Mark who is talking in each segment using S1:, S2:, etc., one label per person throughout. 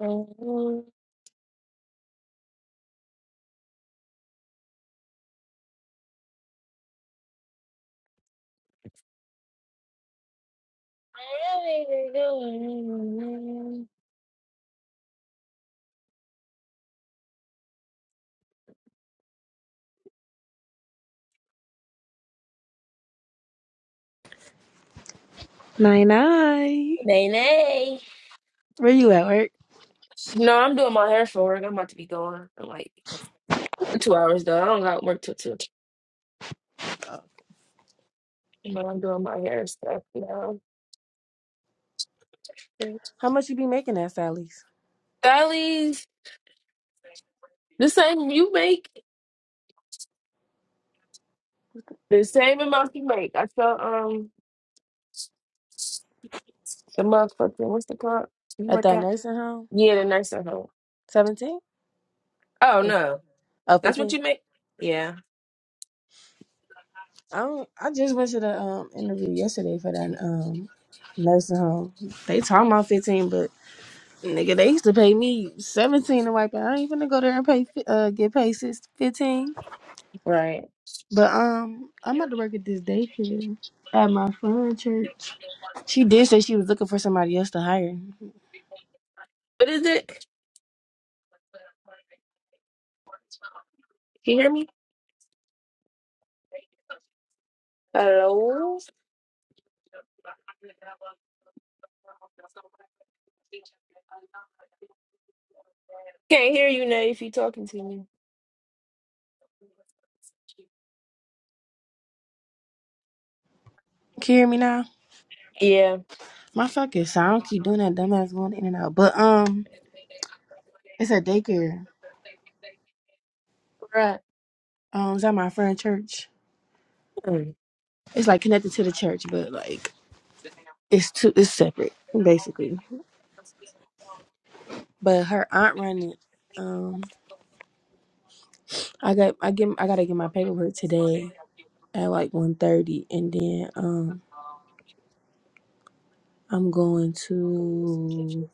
S1: No,
S2: Nine nine.
S1: Nay,
S2: Where you at work?
S1: No, I'm doing my hair for work. I'm about to be going in like two hours though. I don't got work till two. But I'm doing my hair stuff now.
S2: How much you be making at Sally's?
S1: Stylies, the same you make, the same amount you make. I felt um the motherfucking what's the called? You
S2: At
S1: work
S2: that
S1: out?
S2: nursing home?
S1: Yeah, the nurse at home.
S2: Seventeen?
S1: Oh
S2: Or
S1: no,
S2: oh,
S1: that's what
S2: fifteen?
S1: you make? Yeah,
S2: I don't I just went to the um interview yesterday for that um nursing home. They talking about fifteen, but nigga, they used to pay me seventeen to wipe out. I ain't finna go there and pay fi- uh get paid six fifteen.
S1: right.
S2: But um I'm about to work at this daycare at my friend church. She did say she was looking for somebody else to hire. Can you
S1: But is it? Can you hear me? Hello? Can't hear you now if you talking to me.
S2: hear me now?
S1: Yeah.
S2: My fucking so I don't keep doing that dumbass going in and out. But um, it's a daycare.
S1: Right.
S2: Um, it's at my friend's church.
S1: Mm.
S2: It's like connected to the church, but like it's two, it's separate basically. But her aunt run it. Um, I got I get I gotta get my paperwork today at like one thirty, and then um I'm going to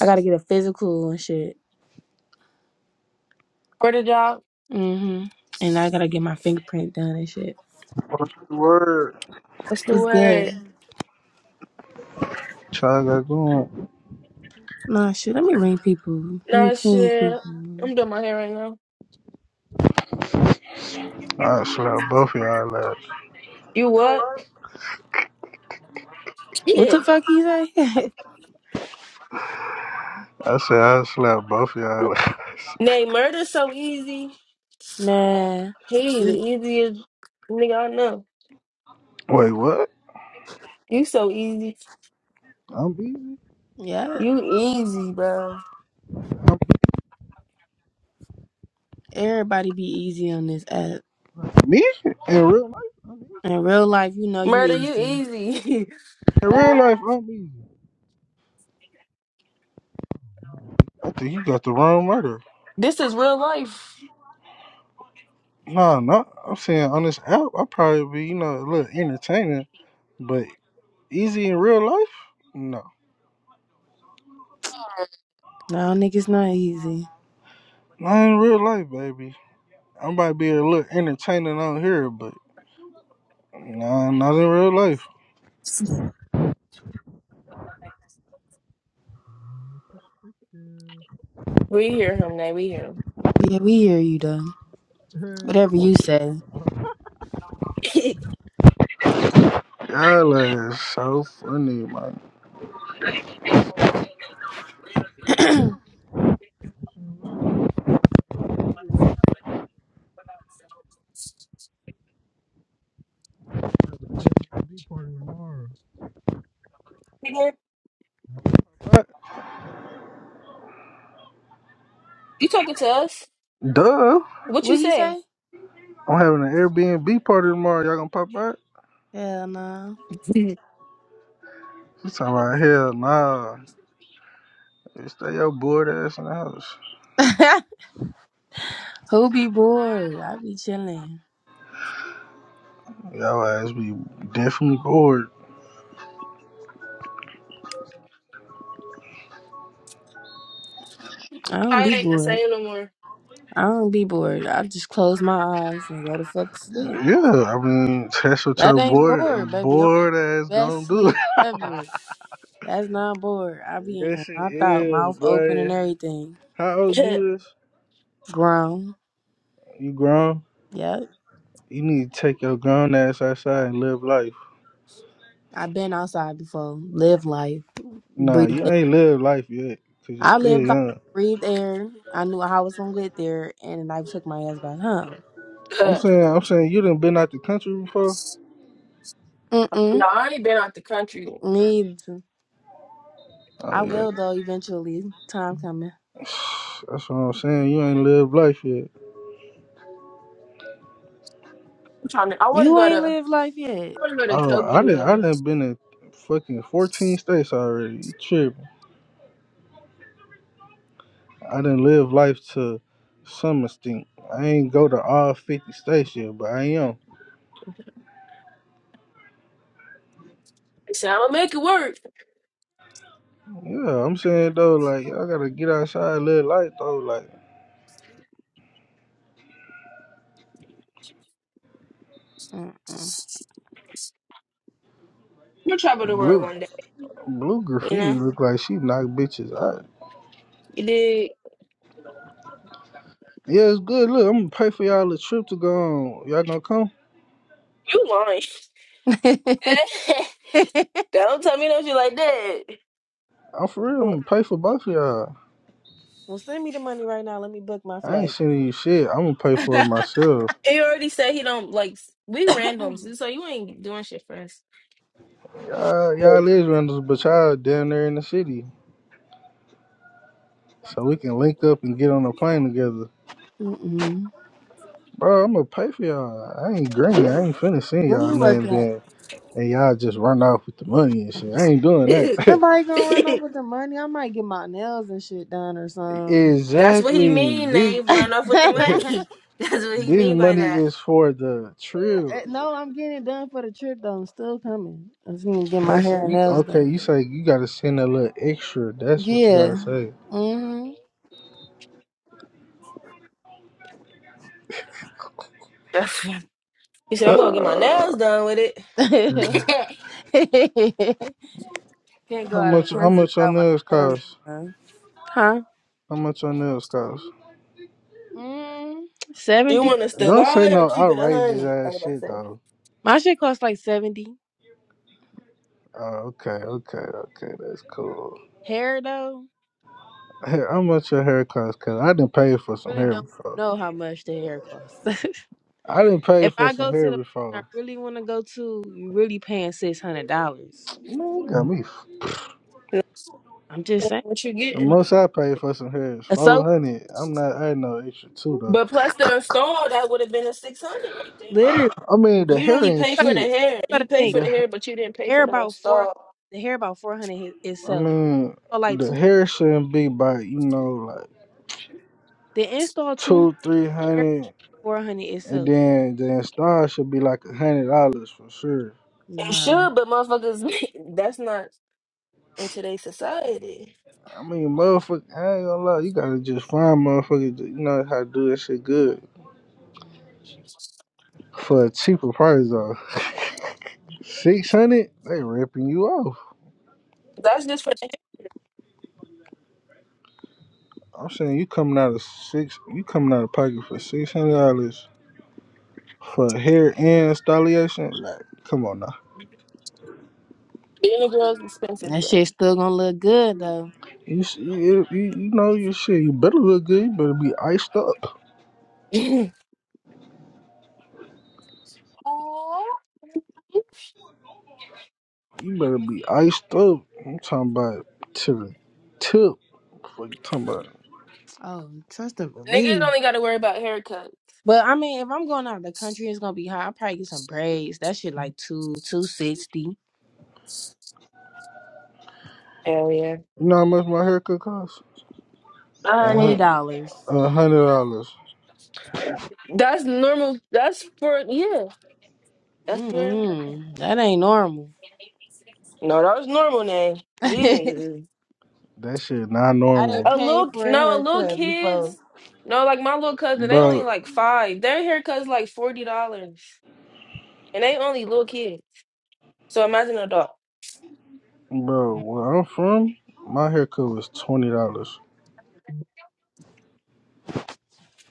S2: I gotta get a physical and shit.
S1: Where the job?
S2: Mhm. And I gotta get my fingerprint done and shit.
S3: Word.
S1: What's the
S2: What's good?
S1: word?
S3: Try to go on.
S2: Nah, shit. Let me ring people. Let me
S1: Nah,
S2: ping
S1: shit.
S2: people.
S1: I'm doing my hair right now.
S3: I slapped both of y'all ass.
S1: You what?
S2: What the
S1: Shit.
S2: fuck you say?
S3: I said I slapped both of y'all ass.
S1: Nay, murder so easy.
S2: Man.
S1: He the
S2: e-
S1: easiest nigga I know.
S3: Wait, what?
S1: You so easy.
S3: I'm easy.
S2: Yeah.
S1: You easy, bro.
S2: Everybody be easy on this app.
S3: Me? In real life?
S2: In real life, you know you
S1: Murder, you
S2: easy.
S1: easy.
S3: In real life, I'm easy. I think you got the wrong murder.
S1: This is real life.
S3: Nah, nah. I'm saying on this app, I probably be, you know, a little entertaining, but easy in real life? No.
S2: No, niggas not easy.
S3: Not in real life, baby. I might be a little entertaining on here, but nah, not in real life.
S1: We hear him now. We hear him.
S2: Yeah, we hear you though. Whatever you say.
S3: Y'all ass so funny, man. Party tomorrow.
S1: Nigga,
S3: What?
S1: you talking to us?
S3: Duh.
S1: What you
S2: What he
S1: say?
S2: say?
S3: I'm having an Airbnb party tomorrow. Y'all gonna pop out?
S2: Hell no.
S3: She's talking about hell nah. You Stay your bored ass in the house.
S2: Who be bored? I be chilling.
S3: Y'all ass be definitely bored.
S2: I don't
S1: It
S2: be
S1: ain't the
S2: bored.
S1: same no more.
S2: I don't be bored. I just close my eyes and go to fuck to sleep.
S3: Yeah, I mean that's what
S2: That
S3: your
S2: ain't
S3: bored
S2: bored, baby. I'm
S3: bored ass
S2: the
S3: gonna
S2: best
S3: do.
S2: sleep ever. That's not bored. I be in here
S3: yes it
S2: knocked out,
S3: is,
S2: mouth open and
S3: boy.
S2: everything.
S3: How old you is?
S2: Grown.
S3: You grown?
S2: Yep.
S3: You need to take your grown ass outside and live life.
S2: I've been outside before. Live life.
S3: Nah,
S2: Breathe
S3: you
S2: air.
S3: ain't live life yet, cause you
S2: I
S3: still
S2: lived like
S3: young.
S2: breathed air. I knew how I was gonna get there and I took my ass back home.
S3: I'm
S1: Uh,
S3: saying I'm saying you done been out the country before?
S2: Mm mm.
S1: no, I ain't been out the country.
S2: Me either.
S3: Oh
S2: I
S3: yeah,
S2: will though eventually. Time coming.
S3: That's what I'm saying. You ain't lived life yet.
S1: I'm trying to. I want to
S2: You
S1: go to.
S2: ain't lived life yet.
S1: I want to go to
S3: Oh, I didn't. I
S1: Tokyo.
S3: didn't been in fucking 14 states already. You tripping? I didn't live life to some extent. I ain't go to all 50 states yet, but I am.
S1: I said I'm gonna make it work.
S3: Yeah, I'm saying though, like y'all gotta get outside, live life though. Like
S2: Mm-mm.
S1: You'll travel the world
S3: blue,
S1: one day.
S3: blue
S1: You
S3: graffiti
S1: know.
S3: look like she knock bitches out.
S1: You did.
S3: Yeah, it's good. Look, I'm gonna pay for y'all a trip to go on. Y'all gonna come?
S1: You lying. don't tell me no shit like that.
S3: I'm for
S1: You
S3: real. I'm
S1: wa-
S3: gonna pay for both of y'all.
S2: Well send me the money right now. Let me book my
S3: I ain't
S2: flight.
S3: sending you shit. I'm gonna pay for it myself.
S1: He already said he don't like. We randoms, so you ain't doing shit for us.
S3: Y'all, y'all is rentals, but y'all down there in the city. So we can link up and get on a plane together.
S2: Mm-mm.
S3: Bro, I'm gonna pay for y'all. I ain't green. I ain't finna send
S2: Where
S3: y'all
S2: you work
S3: nothing
S2: at?
S3: then. And y'all just run off with the money and shit. I ain't doing
S2: Ain't
S3: that.
S2: nobody gonna run over the money. I might get my nails and shit done or something.
S1: That's what he
S3: exactly.
S1: mean.
S3: This
S1: They run off with the money. That's what he
S3: this
S1: mean by
S3: money
S1: that.
S3: is for the trip.
S2: no, I'm getting it done for the trip though. I'm still coming. I'm just gonna get my
S3: That's
S2: hair and
S3: we
S2: nails
S3: okay, you
S2: done.
S3: say you gotta send a little extra. That's what you gotta
S2: Yeah.
S3: say.
S2: hmm
S1: That's- He said, I'm gonna get my nails done with it.
S2: Can't go
S3: how
S2: out of the
S3: much how
S2: country
S3: much on
S2: without my
S3: nails
S2: nails
S3: cost?
S2: done. Huh?
S3: How much on nails cost?
S2: Mm,
S1: You
S2: 70.
S1: want us to
S3: Don't say
S1: lie or
S3: no
S1: keep it a
S3: outrageous
S1: hundred? I
S3: ass
S1: was about to
S3: shit
S1: say.
S3: though.
S2: My shit costs like 70.
S3: Oh, okay, okay, okay. That's cool.
S2: Hair though,
S3: Hey, how much your hair cost? Cause I didn't pay for some
S2: really
S3: hair
S2: don't
S3: before.
S2: know how much the hair costs.
S3: I didn't pay
S2: If
S3: for
S2: I
S3: some
S2: go to
S3: hair
S2: the I
S3: before.
S2: really want to go to, you really paying six hundred dollars.
S3: Man, you got me. f-
S1: You
S2: I'm just saying.
S1: What you
S3: The
S1: getting?
S3: most I paid for some hair is
S2: Uh,
S3: four
S2: So
S3: hundred. I'm not adding no extra two though.
S1: But plus the install, that would have been a six hundred right there.
S2: literally, you
S3: I mean, the
S1: You
S3: hair
S1: only
S3: ain't
S1: pay
S2: gotta,
S1: for the
S2: you
S3: shit.
S1: hair. You
S2: gotta
S1: pay
S2: think.
S1: for the
S3: The
S1: hair, but you didn't pay
S2: Hair
S1: for the
S2: about four.
S1: install.
S2: The hair about four hundred
S3: I
S2: itself.
S3: mean,
S2: Or like
S3: the
S2: two.
S3: hair shouldn't be by you know like
S2: The install two hundred.
S3: two, three
S2: Hair
S3: hundred,
S2: four hundred
S3: and
S2: itself.
S3: then the install should be like a hundred dollars for sure.
S1: It
S2: Nah,
S1: should, but motherfuckers, that's not in today's society.
S3: I mean, motherfucker, I ain't gonna lie. You gotta just find motherfuckers that you know how to do that shit good for a cheaper price though. Six hundred, they ripping you off.
S1: That's just for the hair.
S3: I'm saying you coming out of six, you coming out of pocket for six hundred dollars for hair and installation. Like, come on now.
S1: Being a girl's expensive,
S2: that
S1: bro.
S2: shit's still gonna look good though.
S3: You, s- you, you you know your shit. You better look good. You better be iced up. You better be iced up. I'm talking about to the tip. What you talking about?
S2: Oh, trust and
S1: Niggas
S2: believe.
S1: only got to worry about haircuts.
S2: But I mean, if I'm going out of the country, it's gonna be hot. I'll probably get some braids. That shit like two two sixty twenty
S1: Hell yeah.
S3: You know how much my haircut costs? Uh
S1: on
S3: huh.
S1: it.
S2: dollars.
S3: A hundred dollars.
S1: That's normal. That's for yeah. That's for
S2: Mm-mm, that ain't normal.
S1: no. That was normal name.
S2: I
S1: These niggas is
S3: That shit not normal,
S2: didn't
S1: a
S2: pay
S1: little
S2: for a
S1: no a little
S2: haircut before.
S1: kids. No, like my little cousin, they only
S3: bro.
S1: like five. Their haircut's like forty dollars, and they only little kids. So imagine an adult.
S3: Bro, where I'm from, my haircut was twenty dollars.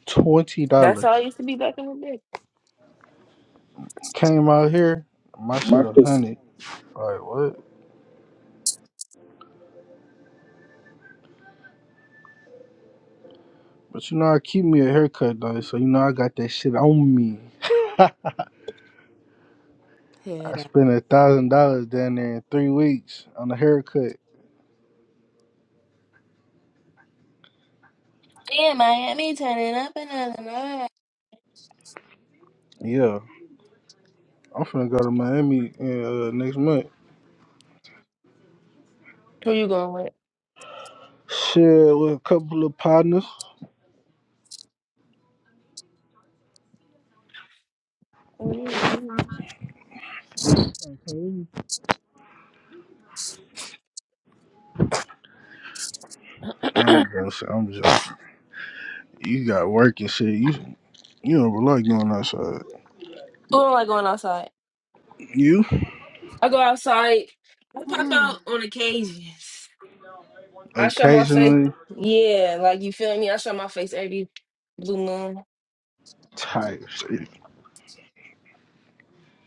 S3: Twenty
S1: That's how I
S3: dollars.
S1: used to be back in the day.
S3: Came out here, my shit a hundred. Like what? But you know I keep me a haircut though, so you know I got that shit on me. I
S2: Head
S3: spent a thousand dollars down there in three weeks on a haircut.
S1: Yeah, Miami turning up another night.
S3: Yeah, I'm finna go to Miami uh, next month.
S1: Who you going with?
S3: Shit, with a couple of partners.
S1: Who
S3: I'm
S2: out.
S3: just, I'm just. You got work and shit. You You don't like going outside.
S1: don't like going outside?
S3: You
S1: I go outside. I pop out on occasions. I show my face.
S3: occasionally
S1: Yeah, like you feel me? I show my face every blue moon.
S3: tired.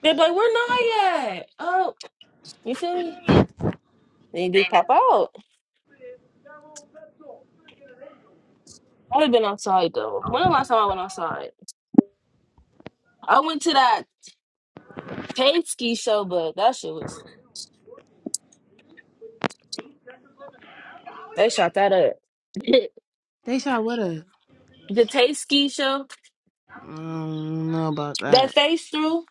S1: They'd be like, "We're not yet." Oh, you feel me? They just pop out. i have been outside though. When the last time I went outside? I went to that Tate ski show, but that shit was they shot that up. the
S2: they shot what up?
S1: Tate ski show
S2: I don't know about
S1: that
S2: that.
S1: face through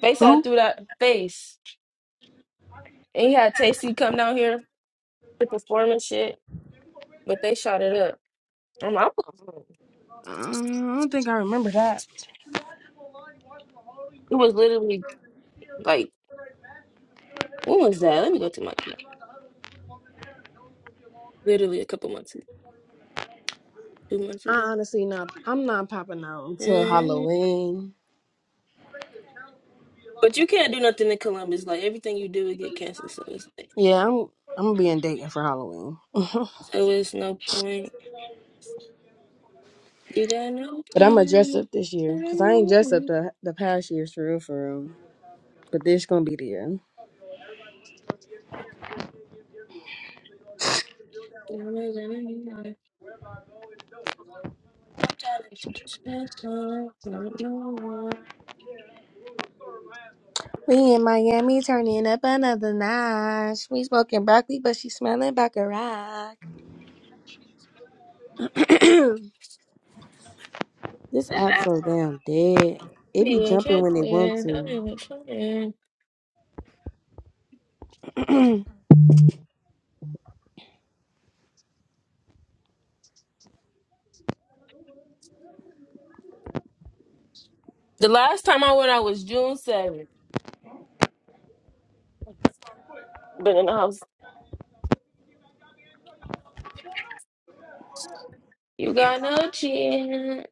S1: face out
S2: Who?
S1: through that face, and he had Tasty come down here to perform and shit, but they shot it up. I'm like, "I'm- gonna-"
S2: Mm, I don't think I remember that.
S1: it was literally like When was that? Let me go to my camera. Literally a couple months ago, two months
S2: I
S1: ago.
S2: honestly not. I'm not popping out until
S1: Mhm.
S2: Halloween.
S1: But you can't do nothing in Columbus. Like everything you do would get canceled. So it's like,
S2: Yeah, I'm. I'm gonna be in Dayton for Halloween, but
S1: so it's no point. You got no
S2: I'm gonna dress up
S1: point.
S2: this year because I ain't dressed up the the past years for real, for real. But this gonna be the year.
S1: I'm trying to special. Not your one.
S2: We in Miami turning up another notch. We smoking broccoli, but she smelling baccarat. This app so damn dead. It
S1: We
S2: be
S1: were
S2: jumping when they want
S1: kidding. Don't
S2: to.
S1: even try. The last time I went out was June 7th. But in the house, you got no chance.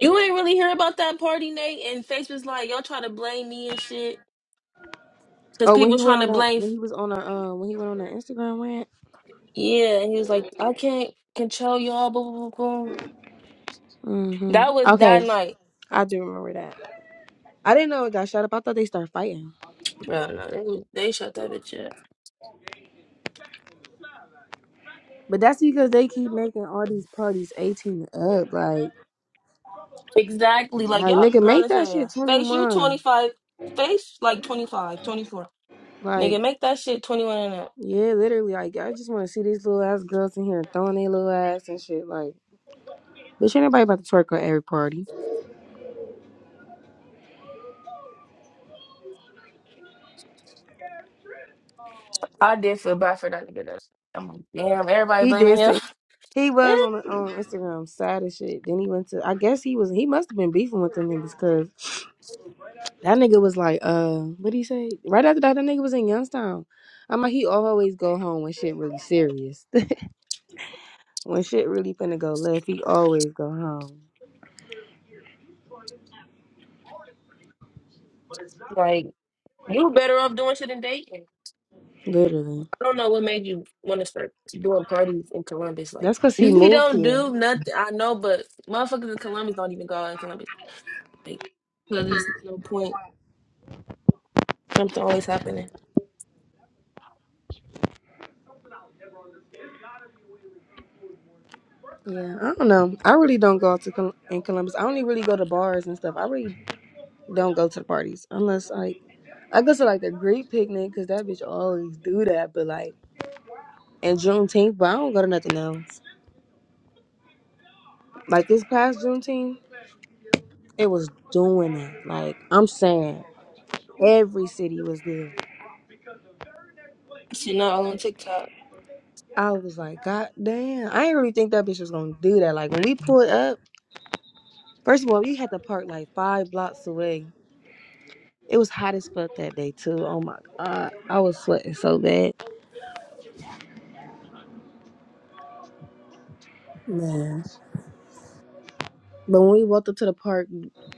S1: You ain't really hear about that party, Nate. And Facebook's like, y'all trying to blame me and shit. Because
S2: Oh, when
S1: people
S2: he went
S1: trying
S2: on
S1: to
S2: that,
S1: blame.
S2: when he was on a, um, when he went on that Instagram rant.
S1: Yeah. And he was like, I can't control y'all. Blah, blah, blah, blah.
S2: Mm-hmm.
S1: That was
S2: Okay,
S1: that night.
S2: I do remember that. I didn't know it got shut up. I thought they start fighting,
S1: Bro, no, they, was- they shut that bitch up.
S2: but that's because they keep making all these parties eighteen and up. Like,
S1: Exactly. Like,
S2: like
S1: y'all
S2: nigga,
S1: grown
S2: make
S1: as
S2: that shit
S1: hell.
S2: twenty
S1: Face, you
S2: one.
S1: 25. Face, like 25, 24.
S2: Like.
S1: Nigga, make that shit 21 and up.
S2: Yeah, literally. Like, I just want to see these little ass girls in here throwing their little ass and shit. Like, bitch, ain't nobody about to twerk at every party.
S1: I did feel bad for that nigga. That's, I'm like, damn, everybody
S2: He
S1: blaming
S2: did
S1: him.
S2: say he was on on Instagram sad as shit. Then he went to. I guess he was. He must have been beefing with them niggas because that nigga was like, uh, what did he say? Right after that, that nigga was in Youngstown. I'm like, he always go home when shit really serious. when shit really finna go left, he always go home.
S1: like, you better off doing shit than dating.
S2: Literally.
S1: I don't know what made you want to start doing parties in Columbus. Like
S2: That's cause he
S1: we
S2: moved
S1: don't
S2: here.
S1: do nothing. I know, but motherfuckers in Columbus don't even go out in Columbus. Like, 'cause there's no point. Something always happening.
S2: Yeah, I don't know. I really don't go out to Col- in Columbus. I only really go to bars and stuff. I really don't go to the parties unless like I go to like the Greek picnic because that bitch always do that. But like and Juneteenth, but I don't go to nothing else. Like this past Juneteenth, it was doing that. Like I'm saying, every city was there.
S1: I not all on TikTok.
S2: I was like, God damn! I didn't really think that bitch was gonna do that. Like when we pulled up, first of all, we had to park like five blocks away It was hot as fuck that day too. Oh my god, I was sweating so bad. Man. But when we walked up to the park,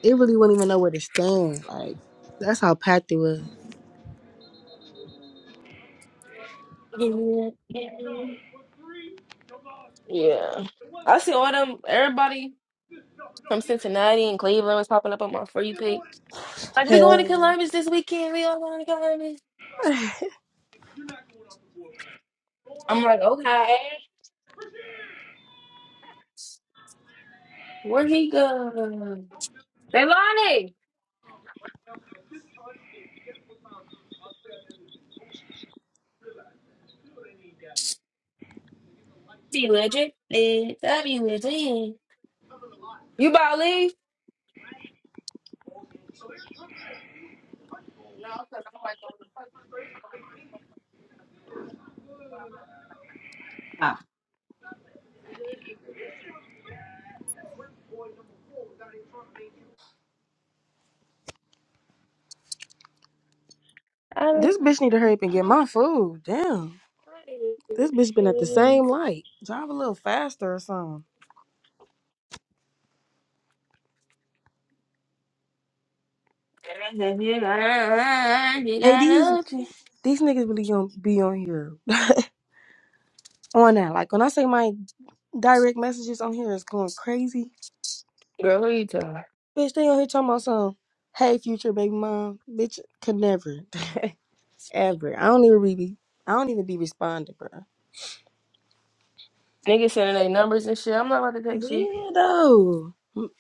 S2: it really wouldn't even know where to stand. Like, that's how packed it was.
S1: Yeah, I see all them. Everybody from Cincinnati and Cleveland was popping up on my for you page. Like we going to
S2: Hell.
S1: Columbus this weekend. We all going to Columbus. I'm like, okay, where he go? Be legend. That'd Be legend. You about to leave? I'm
S2: this bitch need to hurry up and get my food. Damn,
S1: Girl,
S2: this bitch been at the same light. Drive a little faster or something. Hey, these these niggas really gonna be on here on that. Like when I say my direct messages on here is going crazy.
S1: who you telling?
S2: Bitch, they on here talking about some. Hey, future baby mom, bitch, could never. Ever. I don't even be. I don't even be responding, bro.
S1: Niggas sending their numbers and shit. I'm not about to text you.
S2: Weirdo. M-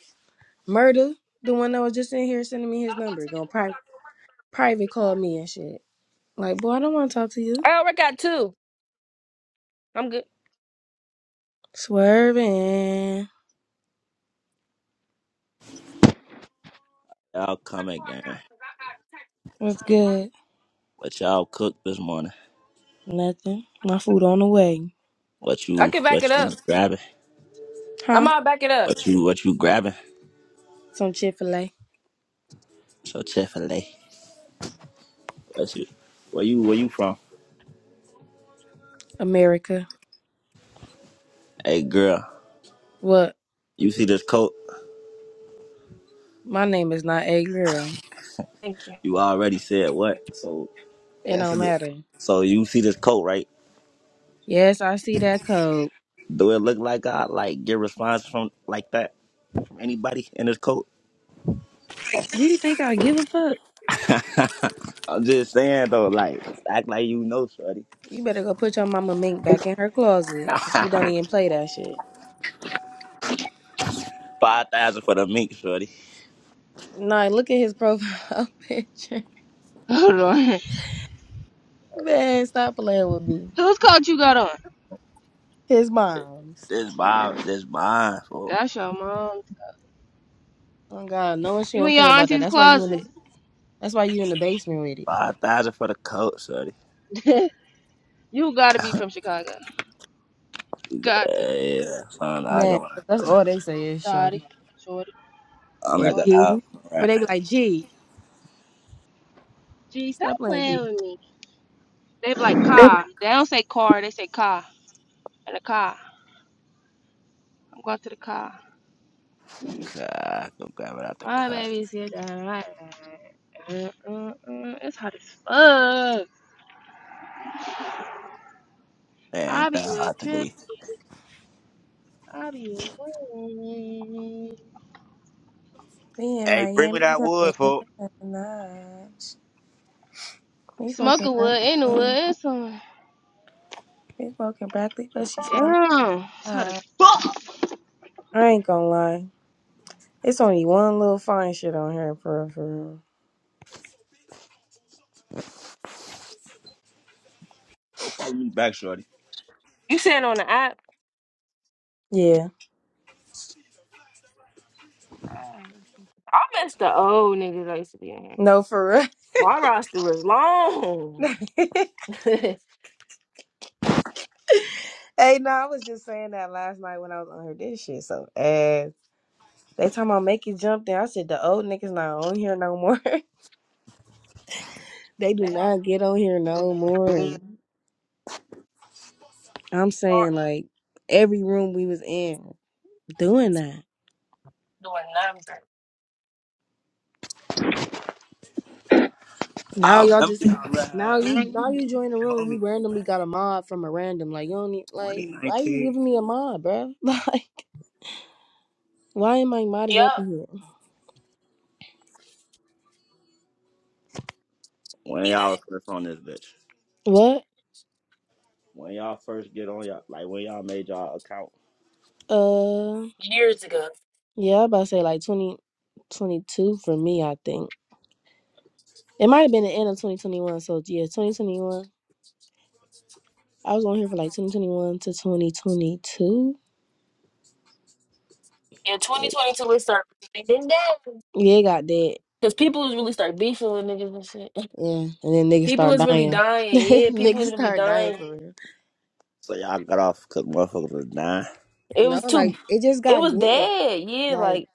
S2: Murder, the one that was just in here sending me his number, gonna pri- private call me and shit. Like, boy, I don't want to talk to you.
S1: I already got two. I'm good.
S2: Swerving.
S4: Y'all come again.
S2: What's good?
S4: What y'all cook this morning?
S2: Nothing. My food on the way.
S4: What
S1: I
S4: you
S1: can back it
S4: what you
S1: up.
S4: grabbing?
S1: I'm
S2: Huh?
S1: all back it up.
S4: What you what you grabbing?
S2: Some Chick Fil A.
S4: So Chick Fil A. What you where you where you from?
S2: America.
S4: Hey girl,
S2: What?
S4: you see this coat?
S2: My name is not a girl.
S1: Thank you.
S4: You already said what? So
S2: It
S4: that's
S2: don't
S4: it.
S2: matter.
S4: So you see this coat, right?
S2: Yes, I see that code.
S4: Do it look like I like get response from like that from anybody in this coat?
S2: You think I give a fuck?
S4: I'm just saying though, like act like you know, shorty.
S2: You better go put your mama mink back in her closet, cause she don't even play that shit.
S4: Five thousand for the mink, shorty.
S2: Nah, look at his profile picture.
S1: Hold on.
S2: Man, stop playing with me.
S1: Whose coat you got on?
S2: His mom's.
S4: This mine, this mine for
S1: That's your mom.
S2: Oh God, no one she
S1: You in
S2: don't
S1: your
S2: play about that.
S1: auntie's
S2: That's why you in the.
S1: closet.
S2: That's why you in the basement with it,
S4: Five thousand for the coat, shorty.
S1: you gotta be from Chicago. Got to.
S4: yeah, yeah, son, I
S2: man.
S4: go.
S2: That's all they say is
S1: Shorty.
S2: shorty
S1: Shorty.
S4: I'm
S2: or
S4: like an
S1: Shorty.
S2: G,
S4: iPhone,
S2: or
S4: right?
S2: they be like G.
S1: Gee, stop
S2: Stop playing G.
S1: playing with me. They be like car. They don't say car, they say car. And a car. I'm going to the car.
S4: God, I go grab it out the
S1: My
S4: cut.
S1: baby's good. Alright. Uh, uh, uh, it's hot as fuck.
S4: Man,
S1: I
S4: ain't
S1: be
S4: that
S1: with
S4: hot
S1: trip.
S4: today?
S1: I be with Drip.
S2: We in
S4: Hey, bring
S2: Miami.
S4: me
S2: We
S4: that
S2: going
S4: wood, for
S2: the lodge. We
S1: Smoke
S2: smoking
S1: a
S2: broccoli.
S1: wood in the woods. Damn.
S2: We smoking broccoli, but she smelling
S1: It's hot as
S2: hot.
S1: fuck.
S2: I ain't gonna lie. It's only one little fine shit on here, for real, for real.
S4: Go follow me back, shorty.
S1: You saying on the app?
S2: Yeah.
S1: I miss the old niggas I used to be in here.
S2: No, for
S1: My roster was long.
S2: real. hey,
S1: they
S2: no, I was just saying that last night when I was on her this shit. So, ass. They talking about make you jump there. I said, the old niggas not on here no more. they do
S1: all
S2: not get on here no more. I'm
S1: short
S2: saying, like, every room we was in doing that.
S1: doing nothing.
S2: Now
S4: I
S2: y'all
S4: remember
S2: just.
S4: y'all
S2: Now
S4: right here,
S2: you now you join the room, you randomly got a mod from a random. Like you don't need like why you
S4: 2019.
S2: giving me a mod, bruh? Like why am I
S1: Yep.
S2: modded up in here?
S4: When
S1: he
S4: y'all was
S1: did
S4: first on this bitch.
S2: What?
S4: When y'all first get on y'all, like when y'all made y'all account.
S2: Uh,
S1: Years ago.
S2: yeah, I about to say like 20, 22 for me, I think. It might have been the end of 2021. So, yeah, 2021. I was on here for like 2021 to 2022.
S1: In
S4: bitch.
S1: 2022 it started.
S2: Yeah, it got dead.
S1: Because people was really start beefing with niggas and shit.
S2: Yeah, and then niggas
S1: People
S2: start
S1: was really
S2: dying.
S1: dying. Yeah, people
S2: niggas
S1: was really
S2: start dying
S1: dying.
S2: for real.
S4: So y'all got off because motherfuckers was dying.
S1: It
S2: No,
S1: was too.
S2: like, it just
S1: It
S2: got
S1: was
S2: dead.
S1: dead. Yeah,
S2: Like,
S1: like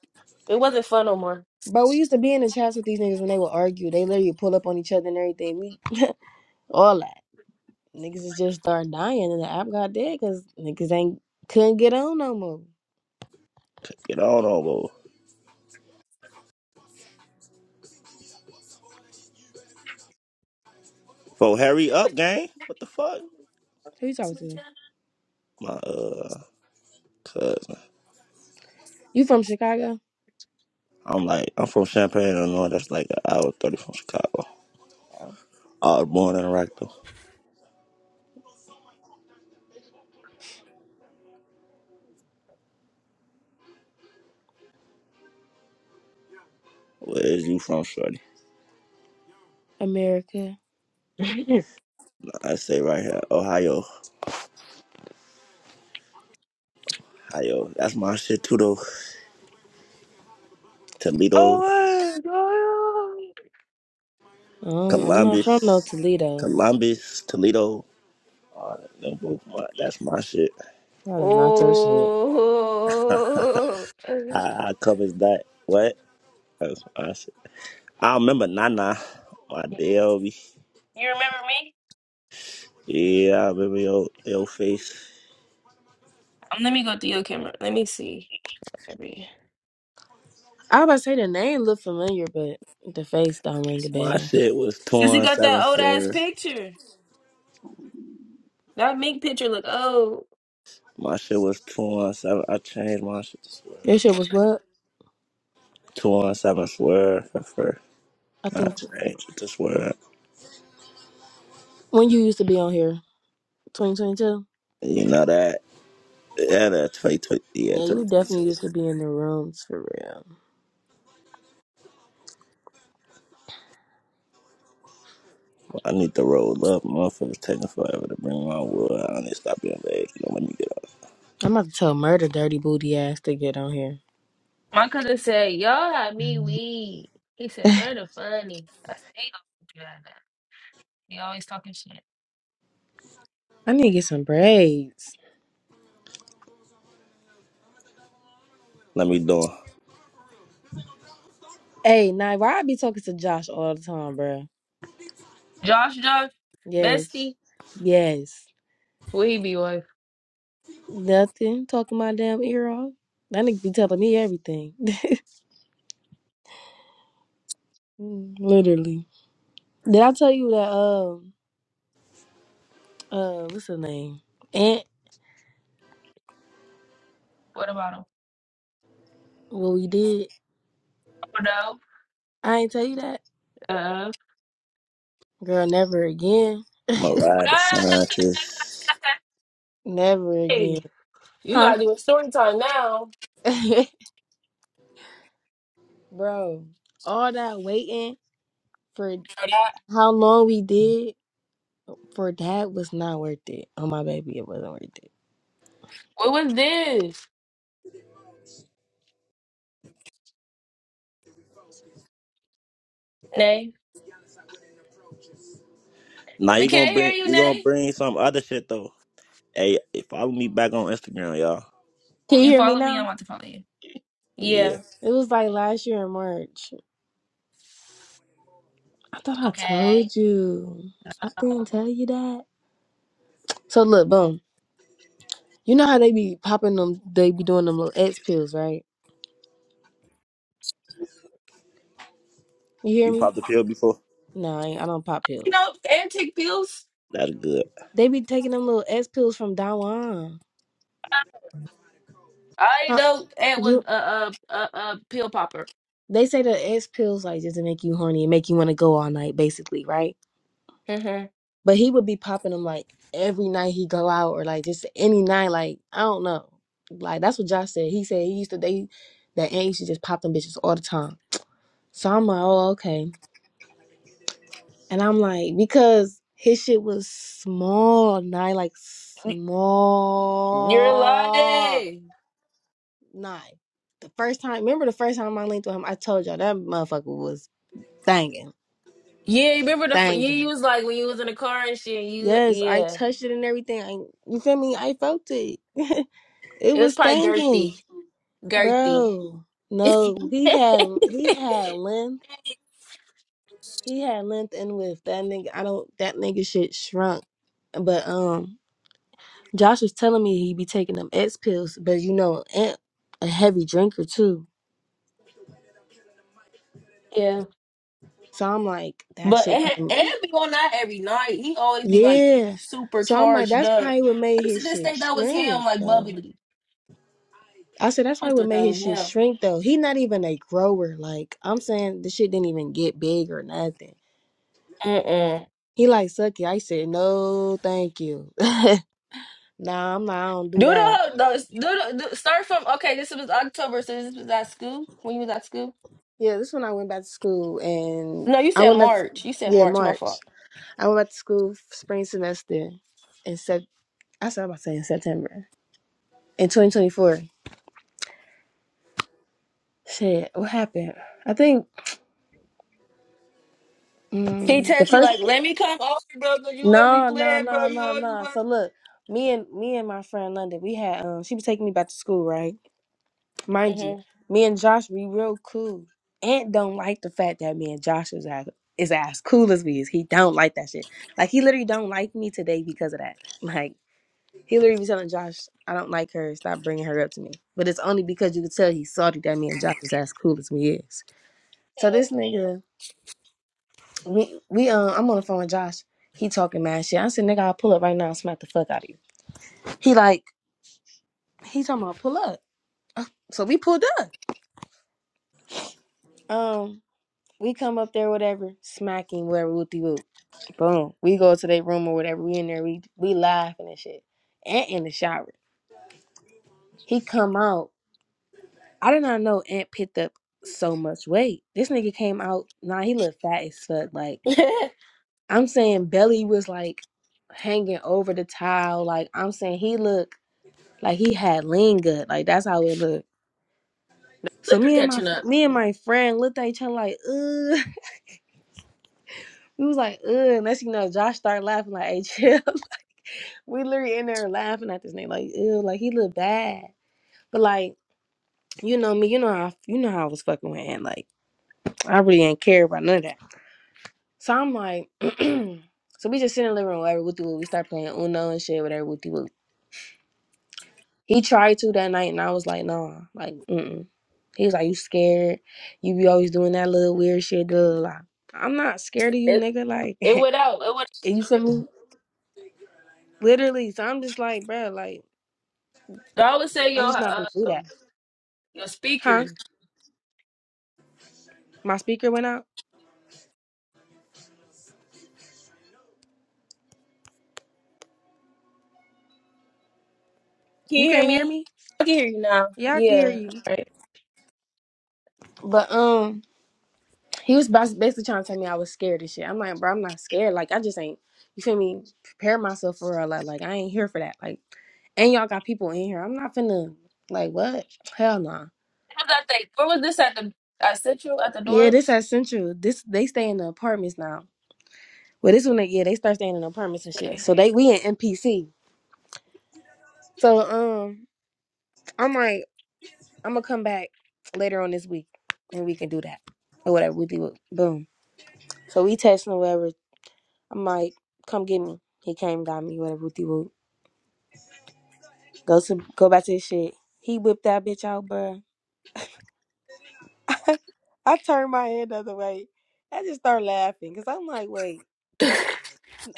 S1: it wasn't fun no more.
S2: bro, we used to be in the chats with these niggas when they would argue. They literally pull up on each other and everything. We, all that. Niggas is just start dying and the app got dead because niggas ain't couldn't get on no more.
S4: Get on over. For hurry up, gang. What the fuck?
S2: Who you talking to?
S4: My, uh, cousin.
S2: You from Chicago?
S4: I'm like, I'm from Champaign, Illinois. That's like an hour 30 from Chicago.
S2: Oh.
S4: I was born in Rockville. Where is you from, Shorty?
S2: America.
S4: I stay right here, Ohio. Ohio. That's my shit too, though.
S1: Oh
S4: Toledo,
S1: my god.
S2: Um, I'm not from
S4: Columbus,
S2: no Toledo.
S4: Columbus, Toledo. All that, them both my, that's my shit.
S2: That is not your shit.
S1: oh,
S4: I, I covers that. What? That's my shit. I remember Nana, my
S1: you
S4: DLV.
S1: remember me?
S4: Yeah, I remember your, your face.
S1: Um, Let me go through your camera. Let me see. Let me-
S2: I was about to say the name look familiar, but the face don't ring a
S4: My
S2: bell.
S4: shit was
S1: Since you
S4: torn
S1: got
S4: seven
S1: that old ass
S4: swear.
S1: picture, that mink picture look old.
S4: My shit was torn seven. I changed my shit to swear.
S2: Your shit was what?
S4: Torn seven swear for fur.
S2: I
S4: I
S2: think
S4: changed it to swear.
S2: when you used to be on here, 2022.
S4: You know that? Yeah, that 2020, yeah,
S2: Yeah, you definitely
S4: 2022.
S2: used to be in the rooms for real.
S4: I need to roll up. Motherfuckers taking forever to bring my wood. I need to stop being vague. You know, let me get up.
S2: I'm about to tell murder dirty booty ass to get on here.
S1: My cousin said, "Y'all had me weed." He said, "Murder funny." I said, "He gonna do that." He always talking shit.
S2: I need to get some braids.
S4: Let me do it.
S2: Hey, now why I be talking to Josh all the time, bruh?
S1: Josh, Josh,
S2: Yes,
S1: bestie.
S2: yes.
S1: What he be with?
S2: Nothing. Talking my damn ear off. That nigga be telling me everything. Mm, Literally. Did I tell you that? Um. Uh, What's her name? Aunt.
S1: What about him?
S2: What we did?
S1: Oh
S2: I ain't tell you that.
S1: no. Uh,
S2: Girl, never again.
S4: I'ma Mariah the scientist.
S2: Never again.
S1: Hey, you
S2: Huh?
S1: gotta do a story time now.
S2: Bro, all that waiting for
S1: that.
S2: how long we did for that was not worth it. Oh my baby, it wasn't worth it.
S1: what was this? Nay,
S4: Now
S1: we
S4: you gonna
S1: can't hear
S4: bring
S1: you,
S4: you gonna
S1: Nay.
S4: bring some other shit though. Hey, follow me back on Instagram, y'all.
S2: Can you
S1: You
S2: hear me
S1: follow me. I'm
S2: now?
S1: about to follow you. Yeah.
S4: Yeah,
S2: It was like last year in March. I thought I
S1: Okay.
S2: told you. I didn't tell you that. So look, boom. You know how they be popping them? They be doing them little X pills, right? You hear
S4: you
S2: me?
S4: popped the pill before.
S2: No, I, ain't, I don't pop
S1: You
S2: pills.
S1: know, antique pills.
S4: That's good.
S2: They be taking them little X pills from Dawan.
S1: I
S2: Huh?
S1: know. It was
S2: You-
S1: a a a, a pill popper.
S2: They say the X pills like just to make you horny and make you want to go all night, basically, right?
S1: Mm-hmm.
S2: But he would be popping them like every night he go out or like just any night. Like I don't know. Like that's what Josh said. He said he used to they that aunt used to just pop them bitches all the time. So I'm like, oh okay. And I'm like, because his shit was small, nine, like
S1: You're
S2: small,
S1: lying.
S2: nine. The first time, remember the first time I linked with him, I told y'all that motherfucker was banging,
S1: Yeah, you remember the fir- yeah? You
S2: banging.
S1: was like when you was in the car and shit. You
S2: Yes, I
S1: yeah.
S2: touched it and everything. I, you feel me? I felt it. it
S1: It was
S2: was
S1: probably
S2: banging,
S1: girthy, girthy.
S2: bro. No, he had he had length. He had length and width. That nigga, I don't. That nigga shit shrunk. But um, Josh was telling me he be taking them X pills, but you know, Ant a heavy drinker too.
S1: yeah,
S2: So I'm like, that
S1: but
S2: shit
S1: and, and
S2: probably,
S1: be on that every night. He always be like
S2: yeah.
S1: super
S2: So I'm like,
S1: charged
S2: that's
S1: up.
S2: probably what made
S1: I used to
S2: his
S1: just
S2: shit
S1: think that was him,
S2: shrink
S1: like
S2: though.
S1: bubbly.
S2: I said that's
S1: I
S2: probably what
S1: thought that
S2: made
S1: was
S2: his shit
S1: him.
S2: shrink though. He not even a grower. Like I'm saying, the shit didn't even get big or nothing.
S1: Mm-mm.
S2: He like sucky. I said no, thank you. nah, I'm not. I don't do
S1: Do the,
S2: that.
S1: whole- the, do the do, start from okay. This was October, so this was at school when you was at school.
S2: Yeah, this when I went back to school and
S1: No, you
S2: I
S1: said
S2: went back. To,
S1: March. You said
S2: yeah,
S1: March. My
S2: March.
S1: fault.
S2: I went back to school f- spring semester in sep- I said about saying September in 2024. Shit, what happened? I think
S1: He
S2: mm, the
S1: texted you
S2: first.
S1: like, "Let me come over, bro, 'cause you always be
S2: No, no,
S1: playing, bro.
S2: no,
S1: You
S2: no,
S1: always
S2: no.
S1: want."
S2: So look, me and me and my friend London, we had um, she was taking me back to school, right? Mind you,
S1: Mm-hmm.
S2: me and Josh, we real cool. Aunt don't like the fact that me and Josh is as is as cool as we is. He don't like that shit. Like he literally don't like me today because of that. Like He literally be telling Josh, I don't like her. Stop bringing her up to me. But it's only because you could tell he's salty that me and Josh is as cool as we is. So this nigga, we we um, I'm on the phone with Josh. He talking mad shit. I said, nigga, I'll pull up right now and smack the fuck out of you. He like, he talking about pull up. Uh, So we pulled up. Um, we come up there, whatever, smacking, whatever, whoopty whoop. Boom. We go to their room or whatever. We in there, we we laughing and shit. And in the shower. He come out. I did not know Ant picked up so much weight. This nigga came out, nah, he looked fat as fuck. Like, I'm saying Belly was like hanging over the towel. Like, I'm saying he looked like he had lean gut. Like, that's how it looked. So
S1: Liquor
S2: me and my
S1: catching up.
S2: me and my friend looked at each other like, ugh. We was like, ugh. And next thing you know, Josh started laughing like, hey, chill. we literally in there laughing at this nigga like, ew, like he looked bad. But like, you know me, you know how you know how I was fucking with Ant. Like, I really ain't care about none of that. So I'm like, so we just sit in the living room, whatever, wooty woo. We start playing Uno and shit, whatever, wooty woo. He tried to that night, and I was like, nah, like, mm-mm. He was like, you scared? You be always doing that little weird shit, blah, blah, blah. I'm not scared of you,
S1: It
S2: nigga. Like,
S1: it went out. It went.
S2: you feel me? Literally. So I'm just like, bro. like,
S1: I always say your
S2: I'm just not
S1: uh,
S2: gonna do that.
S1: your speaker.
S2: Huh? My speaker went out.
S1: Can
S2: You
S1: you hear
S2: can't hear
S1: me?
S2: me?
S1: I can hear you now.
S2: Yeah, I can hear
S1: Yeah. All
S2: you.
S1: right.
S2: But, um, He was bas- basically trying to tell me I was scared and shit. I'm like, bro, I'm not scared. Like, I just ain't, you feel me, prepare myself for a lot. Like, I ain't here for that. Like, and y'all got people in here. I'm not finna, like, what? Hell no.
S1: What was I think? Where was this at the at Central at the
S2: Yeah,
S1: door?
S2: this at Central. This, they stay in the apartments now. Well, this one, they, yeah, they start staying in the apartments and shit.
S1: Okay.
S2: So they, we in NPC. So, um, I'm like, I'm gonna come back later on this week and we can do that or whatever. We do Boom. So we texting or whatever. I'm like, come get me. He came, got me, whatever. Go to go back to his shit. He whipped that bitch out, bruh. I turned my head the other way. I just start laughing because I'm like, wait,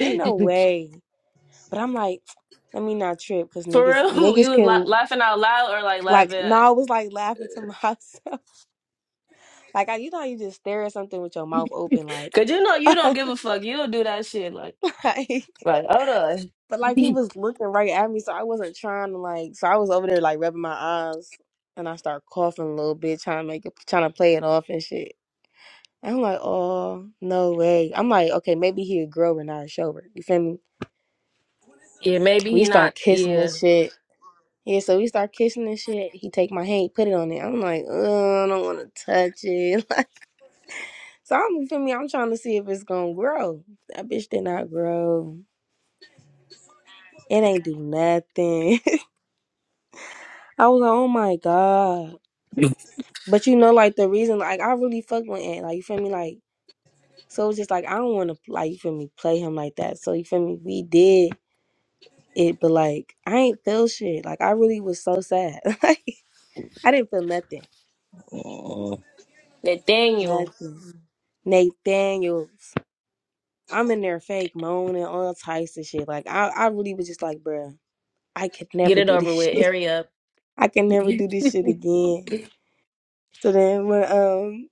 S2: ain't no way. But I'm like, let me not trip because
S1: For
S2: niggas,
S1: real, you
S2: niggas
S1: was la-
S2: can,
S1: laughing out loud or like
S2: like,
S1: laughing?
S2: no,
S1: at-
S2: I was like laughing to myself. Like, I, you know, how you just stare at something with your mouth open, like,
S1: Cause you know you don't
S2: like,
S1: give a fuck. You don't do that shit. Like,
S2: but
S1: right? Hold on.
S2: like he was looking right at me, so I wasn't trying to, like, so I was over there, like, rubbing my eyes and I start coughing a little bit, trying to make it, trying to play it off and shit. I'm like, oh, no way. I'm like, okay, maybe he'll grow and I'll show her. You feel me?
S1: yeah, maybe
S2: We
S1: he not.
S2: start kissing this
S1: Yeah,
S2: shit. Yeah, so we start kissing this shit. He take my hand, put it on it. I'm like, oh, I don't want to touch it. Like, so I'm, you feel me? I'm trying to see if it's going to grow. That bitch did not grow. It ain't do nothing. I was like, oh my God. But you know, like, the reason, like, I really fucked with Ant. Like, you feel me? Like, so it's just like, I don't want to, like, you feel me, play him like that. So, you feel me? We did. it, but like I ain't feel shit. Like I really was so sad. like I didn't feel nothing.
S4: Mm.
S1: Nathaniel,
S2: Nothing. Nathaniels. I'm in there fake moaning all types of shit. Like I, I really was just like, bruh, I could
S1: get
S2: never
S1: it
S2: do this
S1: over with.
S2: shit.
S1: Hurry up.
S2: I can never do this shit again. So then when um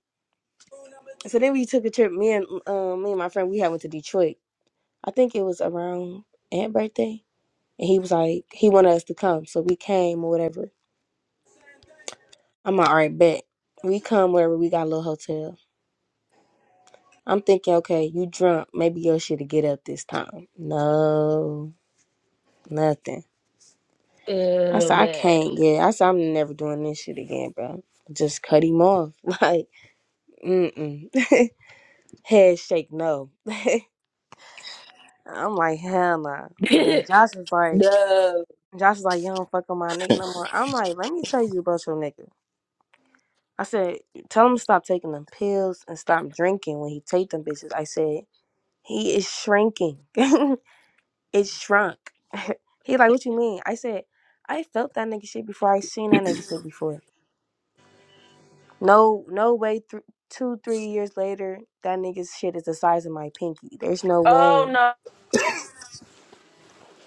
S2: so then we took a trip, me and um me and my friend, we had went to Detroit. I think it was around Aunt birthday. And he was like, he wanted us to come. So we came or whatever. I'm like, all right, bet. We come wherever we got a little hotel. I'm thinking, okay, you drunk. Maybe you should get up this time. No, nothing. I
S1: oh
S2: said, I
S1: man.
S2: can't. Yeah, I said, I'm never doing this shit again, bro. Just cut him off. Like, mm mm. Head shake, no. I'm like, hell nah. So then Josh was like,
S1: no.
S2: Josh was like, you don't fuck with my nigga no more. I'm like, let me tell you about your nigga. I said, tell him to stop taking them pills and stop drinking when he take them bitches. I said, he is shrinking. It shrunk. he like, what you mean? I said, I felt that nigga shit before. I seen that nigga shit before. No, no way. Th- two, three years later, that nigga's shit is the size of my pinky. There's no
S1: Oh
S2: way.
S1: no.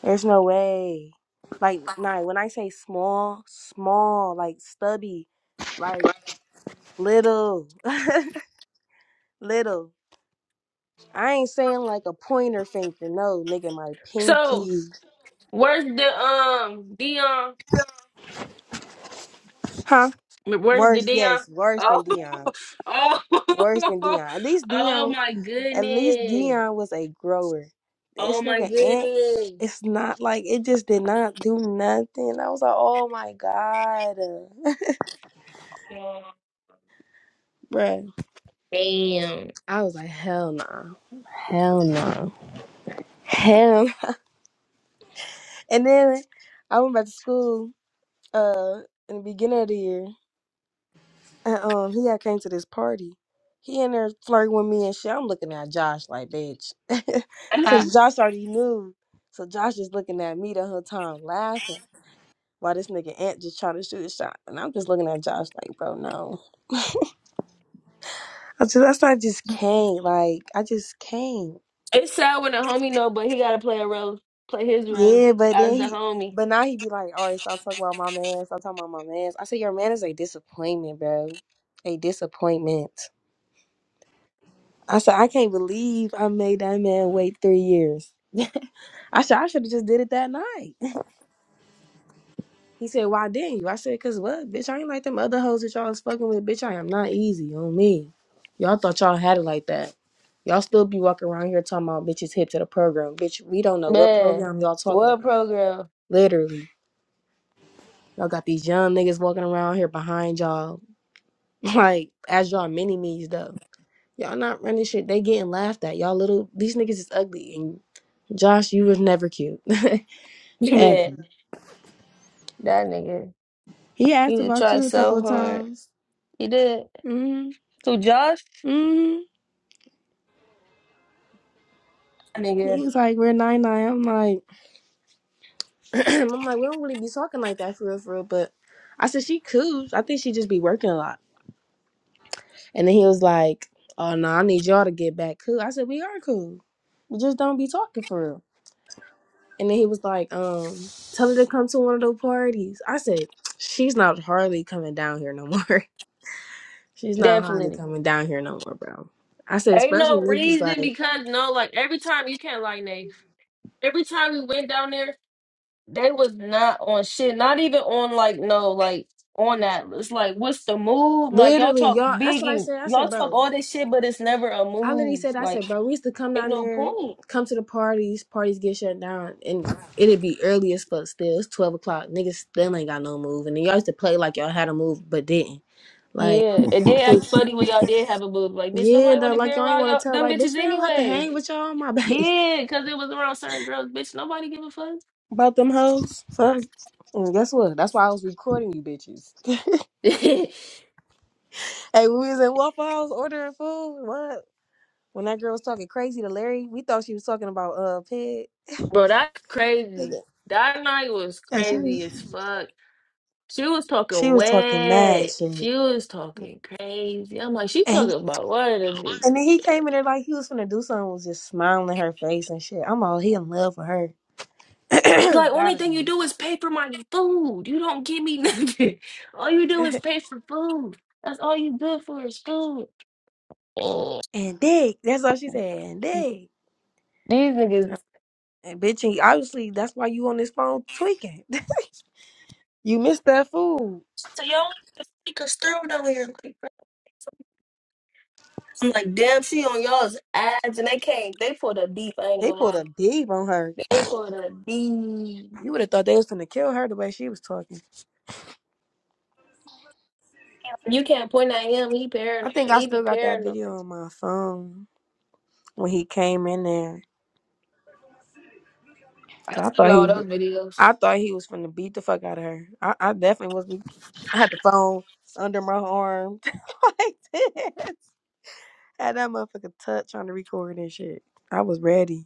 S2: There's no way. Like, nah. When I say small, small, like stubby, like little, little. I ain't saying like a pointer finger. No, nigga, my
S1: So
S2: pinky.
S1: where's the um Dion?
S2: Huh?
S1: Where's the
S2: Worse,
S1: Dion?
S2: yes, worse than
S1: Oh,
S2: Dion.
S1: oh,
S2: Worse than Dion. At least
S1: oh
S2: Dion.
S1: my
S2: At least
S1: goodness!
S2: Dion was a grower. This
S1: Oh my
S2: nigga Ant,
S1: goodness!
S2: it's not like it just did not do nothing. I was like, oh my god, bruh.
S1: Damn,
S2: I was like, hell no, hell no, hell. no." And then I went back to school. Uh, in the beginning of the year, and um, he had came to this party. He in there flirting with me and shit. I'm looking at Josh like, bitch, cause Josh already knew. So Josh is looking at me the whole time, laughing. Why this nigga Ant just trying to shoot a shot? And I'm just looking at Josh like, bro, no. I just that's why I just can't. Like, I just can't.
S1: it's sad when a homie know, but he gotta play a role, play his role
S2: Yeah, but then
S1: as the
S2: he
S1: homie.
S2: but now he be like, all right, stop talking about my man, stop talking about my man. I said, Your man is a disappointment, bro. A disappointment. I said, I can't believe I made that man wait three years. I said I should have just did it that night. He said, Why didn't you? I said, Cause what, bitch, I ain't like them other hoes that y'all was fucking with, bitch. I am not easy on me. Y'all thought y'all had it like that. Y'all still be walking around here talking about bitches hip to the program. Bitch, we don't know what
S1: Man,
S2: program y'all talking
S1: what
S2: about.
S1: program?
S2: Literally. Y'all got these young niggas walking around here behind y'all. Like, as y'all mini me's though. Y'all not running shit. They getting laughed at. Y'all little these niggas is ugly. And Josh, you was never cute.
S1: Man,
S2: Ever.
S1: that nigga,
S2: He asked
S1: he
S2: about
S1: tried
S2: you a couple
S1: so
S2: of
S1: hard.
S2: times.
S1: He did.
S2: hmm
S1: Who Josh?
S2: hmm
S1: That
S2: He
S1: nigga,
S2: was like, "We're nine nine." I'm like, I'm like, we don't really be talking like that for real, for real. But I said she cool. I think she just be working a lot. And then he was like, "Oh no, I need y'all to get back cool." I said, "We are cool. We just don't be talking for real." And then he was like, "Um, tell her to come to one of those parties." I said, "She's not hardly coming down here no more. She's not hardly
S1: definitely.
S2: coming down here no more, bro." I said,
S1: Ain't
S2: especially
S1: no
S2: niggas
S1: reason
S2: like
S1: because no, like every time you can't lie, Nate. Every time we went down there, they was not on shit. Not even on like no, like on that. It's like what's the move? Like y'all
S2: literally
S1: talk
S2: y'all. That's
S1: big
S2: what I
S1: and
S2: said. I
S1: y'all
S2: said,
S1: talk
S2: bro.
S1: all this shit, but it's never a
S2: I literally
S1: move.
S2: said, I said,
S1: Like
S2: bro, we used to come
S1: ain't
S2: down
S1: no
S2: there,
S1: point.
S2: come to the parties, parties get shut down, and it'd be early as fuck still. It's 12 o'clock. Niggas still ain't got no move. And then y'all used to play like y'all had a move, but didn't. Like,
S1: Yeah, it
S2: I
S1: did act
S2: said,
S1: funny when y'all did have a move. Like bitch,
S2: yeah,
S1: nobody
S2: though,
S1: want to be
S2: like y'all ain't
S1: around
S2: want to
S1: y'all
S2: tell.
S1: them
S2: Like, bitch,
S1: bitches
S2: man, I don't have to
S1: anyway.
S2: hang with y'all, on my back
S1: Yeah, because it was around certain girls. Bitch, nobody give a fuck.
S2: About them hoes. Fuck. And guess what? That's why I was recording you bitches. hey, we was in Waffle House ordering food. What? When that girl was talking crazy to Larry, we thought she was talking about uh pig.
S1: Bro, that's crazy. That night was
S2: Hey, she
S1: crazy as
S2: was.
S1: fuck. She was
S2: She
S1: talking
S2: was talking mad
S1: wet.
S2: shit.
S1: She was talking crazy. I'm like, she
S2: And
S1: talking about what of them niggas.
S2: and then he came in there like he was finna do something, was just smiling in her face and shit. I'm all he in love with her.
S1: She's like, only
S2: Gotta
S1: thing you
S2: be.
S1: do is pay for my food. You don't give me nothing. All you do is pay for food. That's all you good for is food. Ugh.
S2: and dick. That's all she said. And dick.
S1: These niggas.
S2: And bitch, and obviously that's why you on this phone tweaking. you missed that food.
S1: So y'all be conservative over here. Like, bro. I'm like, damn, she on y'all's ads, and they came. They pulled up deep. I ain't
S2: They
S1: gonna
S2: pulled a
S1: lie.
S2: deep on her.
S1: They pulled up deep.
S2: You would have thought they was gonna kill her the way she was talking.
S1: You can't point at him. He
S2: I
S1: paranoid.
S2: think I
S1: He be
S2: still got that video
S1: paranoid.
S2: on my phone when he came in there.
S1: I
S2: 'Cause I
S1: still
S2: thought he
S1: got
S2: was
S1: all those videos.
S2: I thought he was finna beat the fuck out of her. I, I definitely was. I had the phone under my arm like this. Had that motherfucker touch on the record and shit. I was ready.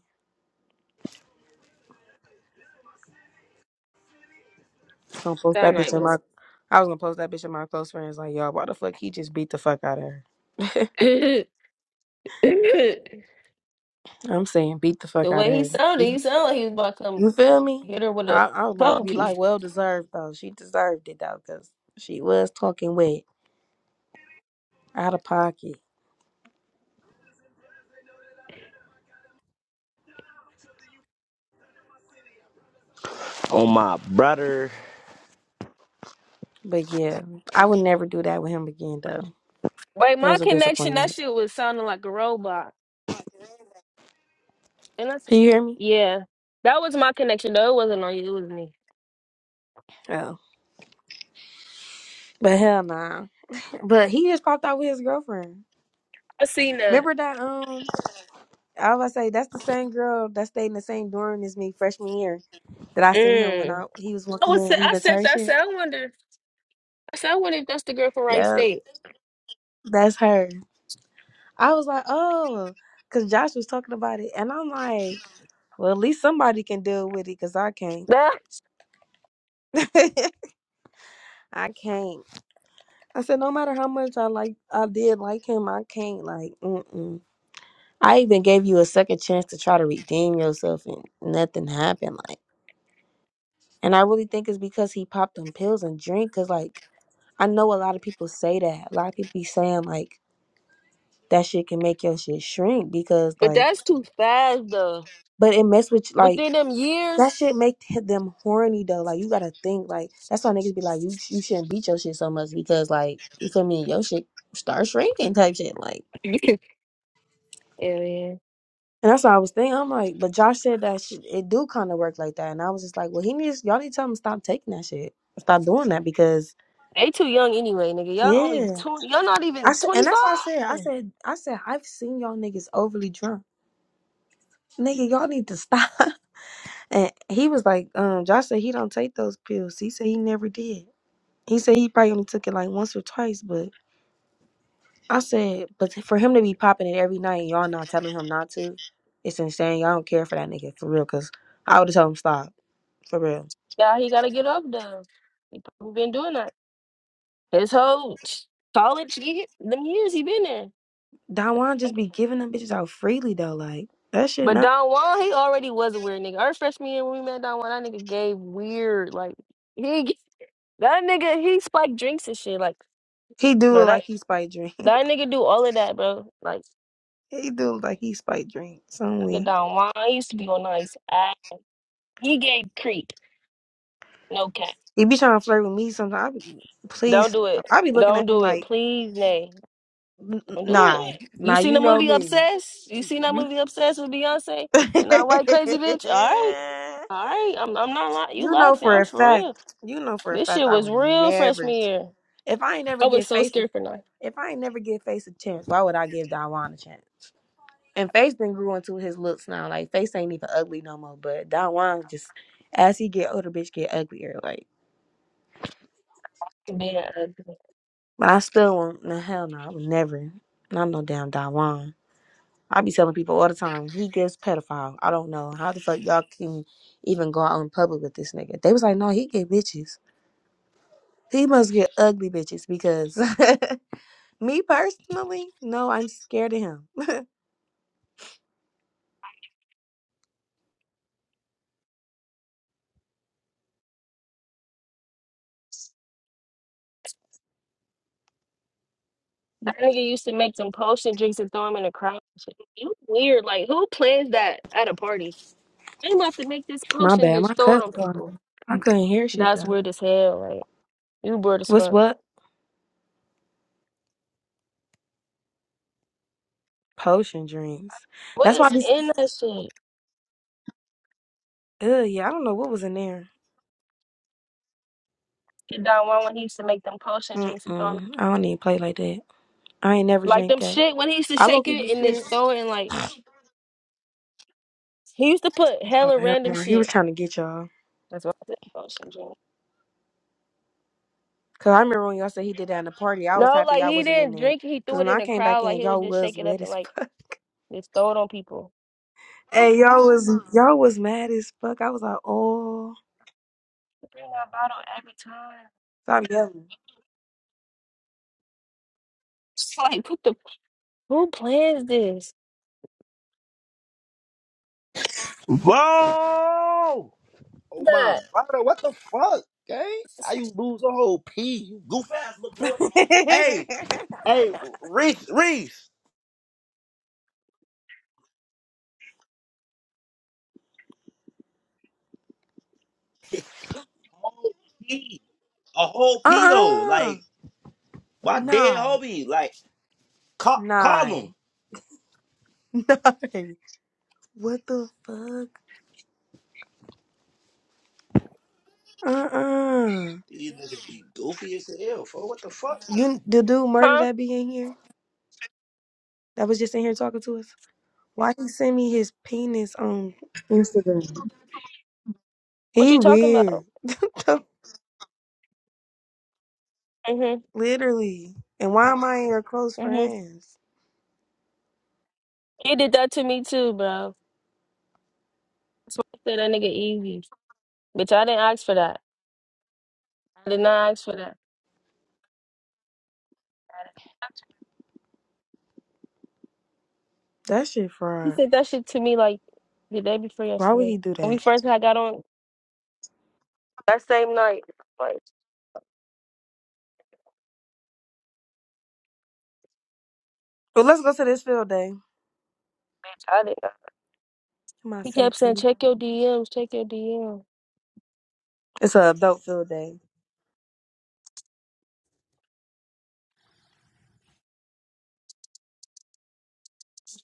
S2: Just gonna post
S1: That
S2: that bitch
S1: night
S2: in my.
S1: was.
S2: I was gonna post that bitch in my close friends like, y'all, why the fuck he just beat the fuck out of her?
S1: the
S2: I'm saying beat the fuck out of
S1: way he
S2: her.
S1: sounded,
S2: She-
S1: he sounded like he was about to come
S2: You feel me?
S1: hit her with a
S2: I, I was about to
S1: phone
S2: be like,
S1: piece.
S2: well deserved though. She deserved it though, cause she was talking wet, out of pocket.
S4: on my brother.
S2: But yeah, I would never do that with him again though.
S1: Wait,
S2: It
S1: my
S2: was a
S1: connection, that
S2: disappointment.
S1: shit was sounding like a robot. And that's
S2: Can
S1: just,
S2: you hear me?
S1: yeah. That was my connection though. It wasn't on you, it was me.
S2: Oh. But hell nah. But he just popped out with his girlfriend.
S1: I seen that.
S2: Remember that um I was going to say that's the same girl that stayed in the same dorm as me freshman year that I seen him when I
S1: Mm.
S2: he was
S1: I
S2: walking
S1: was sa-
S2: in, he
S1: I
S2: went to
S1: said
S2: her
S1: that I
S2: shit.
S1: said I wonder I said I wonder if that's the girl from Wright
S2: Yep.
S1: State.
S2: That's her. I was like, oh, because Josh was talking about it. And I'm like, well, at least somebody can deal with it because I can't.
S1: That
S2: I can't. I said, no matter how much I like, I did like him, I can't. Like, mm-mm. I even gave you a second chance to try to redeem yourself and nothing happened. Like, and I really think it's because he popped them pills and drink. Cause like, I know a lot of people say that. A lot of people be saying like that shit can make your shit shrink because
S1: but
S2: like,
S1: that's too fast though.
S2: but it mess with
S1: Within
S2: like
S1: them
S2: that
S1: years.
S2: shit make them horny though. Like you gotta think like that's why niggas be like you you shouldn't beat your shit so much because like you feel me your shit start shrinking type shit like.
S1: yeah,
S2: And that's what I was thinking. I'm like, but Josh said that shit, it do kind of work like that. And I was just like, well, he needs, y'all need to tell him to stop taking that shit. Stop doing that because,
S1: They too young anyway, nigga. Y'all only
S2: yeah.
S1: twenty. Y'all not
S2: I
S1: even
S2: said,
S1: twenty
S2: and that's what I said. I
S1: five.
S2: said, I said, I've seen y'all niggas overly drunk. Nigga, y'all need to stop. And he was like, um, Josh said he don't take those pills. He said he never did. He said he probably only took it like once or twice, but I said, but for him to be popping it every night and y'all not telling him not to, it's insane. Y'all don't care for that nigga for real, cause I would have told him stop for real.
S1: Yeah, he gotta get up though. He probably been doing that his whole sh- college year, them years he been there.
S2: Dawan just be giving them bitches out freely though. Like that shit
S1: But
S2: not.
S1: Don Juan, he already was a weird nigga. Our freshman year when we met Don Juan, that nigga gave weird like he g- that nigga he spiked drinks and shit like,
S2: He do
S1: bro
S2: look
S1: that
S2: like he spiked drink.
S1: that nigga do all of that, bro. Like
S2: he do look like he spiked drink some
S1: nigga
S2: way.
S1: Don Juan he used to be on nice. Ah, He gave creep, no cap.
S2: He be trying to flirt with me sometimes. I be, please
S1: Don't do it.
S2: stop. I be looking
S1: Don't
S2: at him
S1: do it,
S2: like,
S1: please, Nay.
S2: "N- n-
S1: Don't do it.
S2: nah,
S1: You
S2: nah.
S1: seen
S2: You
S1: the
S2: know
S1: movie
S2: me.
S1: Obsessed? You seen that
S2: You
S1: movie Obsessed with Beyonce and that white crazy bitch? All right, all right. I'm I'm not lying. You
S2: You know
S1: laughing?
S2: for
S1: I'm
S2: a
S1: for
S2: fact.
S1: real.
S2: You know for a
S1: This
S2: fact
S1: shit
S2: I
S1: was
S2: would
S1: real
S2: never.
S1: freshman year.
S2: If I ain't never
S1: I was
S2: get
S1: so
S2: face, a-
S1: scared for life.
S2: if I ain't never get face a chance, why would I give Dawan a chance? And Face then grew into his looks now. Like Face ain't even ugly no more. But Don Juan just as he get older, bitch get uglier. Like,
S1: Being ugly.
S2: but I still want no hell no. I would never. Not no damn Don Juan. I be telling people all the time he gives pedophile. I don't know how the fuck y'all can even go out in public with this nigga. They was like, no, he get bitches. He must get ugly bitches because me personally, no, I'm scared of him.
S1: That nigga used to make them potion drinks and throw them in the crowd. You weird. Like who plans that at a party? They about to make this
S2: My
S1: potion
S2: bad. My
S1: just throw it on people.
S2: cousin. I couldn't hear shit
S1: That's
S2: though.
S1: weird as hell. Like you weird as
S2: What's
S1: fuck.
S2: what? Potion drinks.
S1: What
S2: That's why. I
S1: is
S2: be
S1: in that shit?
S2: Ugh, yeah, I don't know what was in there.
S1: Kid Don Juan when he used to make them potion drinks and throw 'em
S2: Mm-mm. I don't even play like that. I ain't never
S1: Like
S2: drank
S1: them
S2: that.
S1: shit when he used to
S2: I low
S1: shake
S2: key be
S1: it in his
S2: scared.
S1: soul and like he used to put
S2: Oh,
S1: hella
S2: hell
S1: random
S2: no. He was
S1: shit.
S2: trying to get y'all.
S1: That's what I said about syndrome.
S2: Cause I remember when y'all said he did that in the party. I was
S1: No,
S2: happy
S1: like
S2: I
S1: he
S2: wasn't in
S1: didn't
S2: there.
S1: drink it, he
S2: Cause
S1: threw it
S2: when
S1: in
S2: I
S1: the
S2: came back
S1: crowd, like
S2: in,
S1: he was
S2: y'all
S1: just
S2: was
S1: shake it
S2: wet
S1: up and
S2: as
S1: like
S2: fuck.
S1: just throw it on people.
S2: Hey, y'all was y'all was mad as fuck. I was like, oh,
S1: Bring that bottle every time.
S2: stop yelling.
S1: It's like what the who plans this?
S4: Whoa! Oh my brother, what the fuck, gang? How you lose a whole P? You goof ass little boy. Hey, hey, Reese, Reese, whole P, a whole P though.
S2: Uh-uh.
S4: Like my dead
S2: Nah.
S4: homie, like
S2: Nah.
S4: call, call him.
S2: Nah. What the fuck? Uh-uh.
S4: These niggas be goofy as hell, for What the fuck?
S2: You the dude murder
S1: Huh?
S2: that be in here? that was just in here talking to us? Why he send me his penis on Instagram?
S1: What you
S2: He
S1: talking about?
S2: weird.
S1: Mm-hmm.
S2: Literally. And why am I in your close
S1: Mm-hmm.
S2: friends?
S1: He did that to me too, bro. That's why I said that nigga easy. Bitch, I didn't ask for that. I did not ask for that.
S2: That shit
S1: He
S2: fraud.
S1: said that shit to me like the day before
S2: Why would
S1: yesterday.
S2: he do
S1: When we
S2: that?
S1: first had got on That same night, like
S2: Well, let's go to this field day.
S1: I didn't know.
S2: I'm gonna
S1: He
S2: send
S1: kept
S2: it to
S1: saying,
S2: you.
S1: "Check your DMs, check your DMs."
S2: It's a adult field day.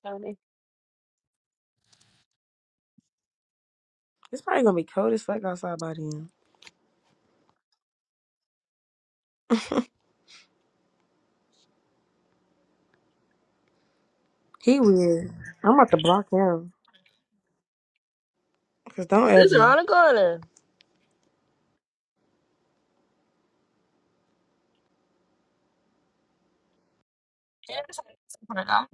S1: Funny.
S2: It's probably gonna be cold as fuck outside by then. He weird. I'm about to block him. Cause don't
S1: This is
S2: ever.
S1: on the Like, I'm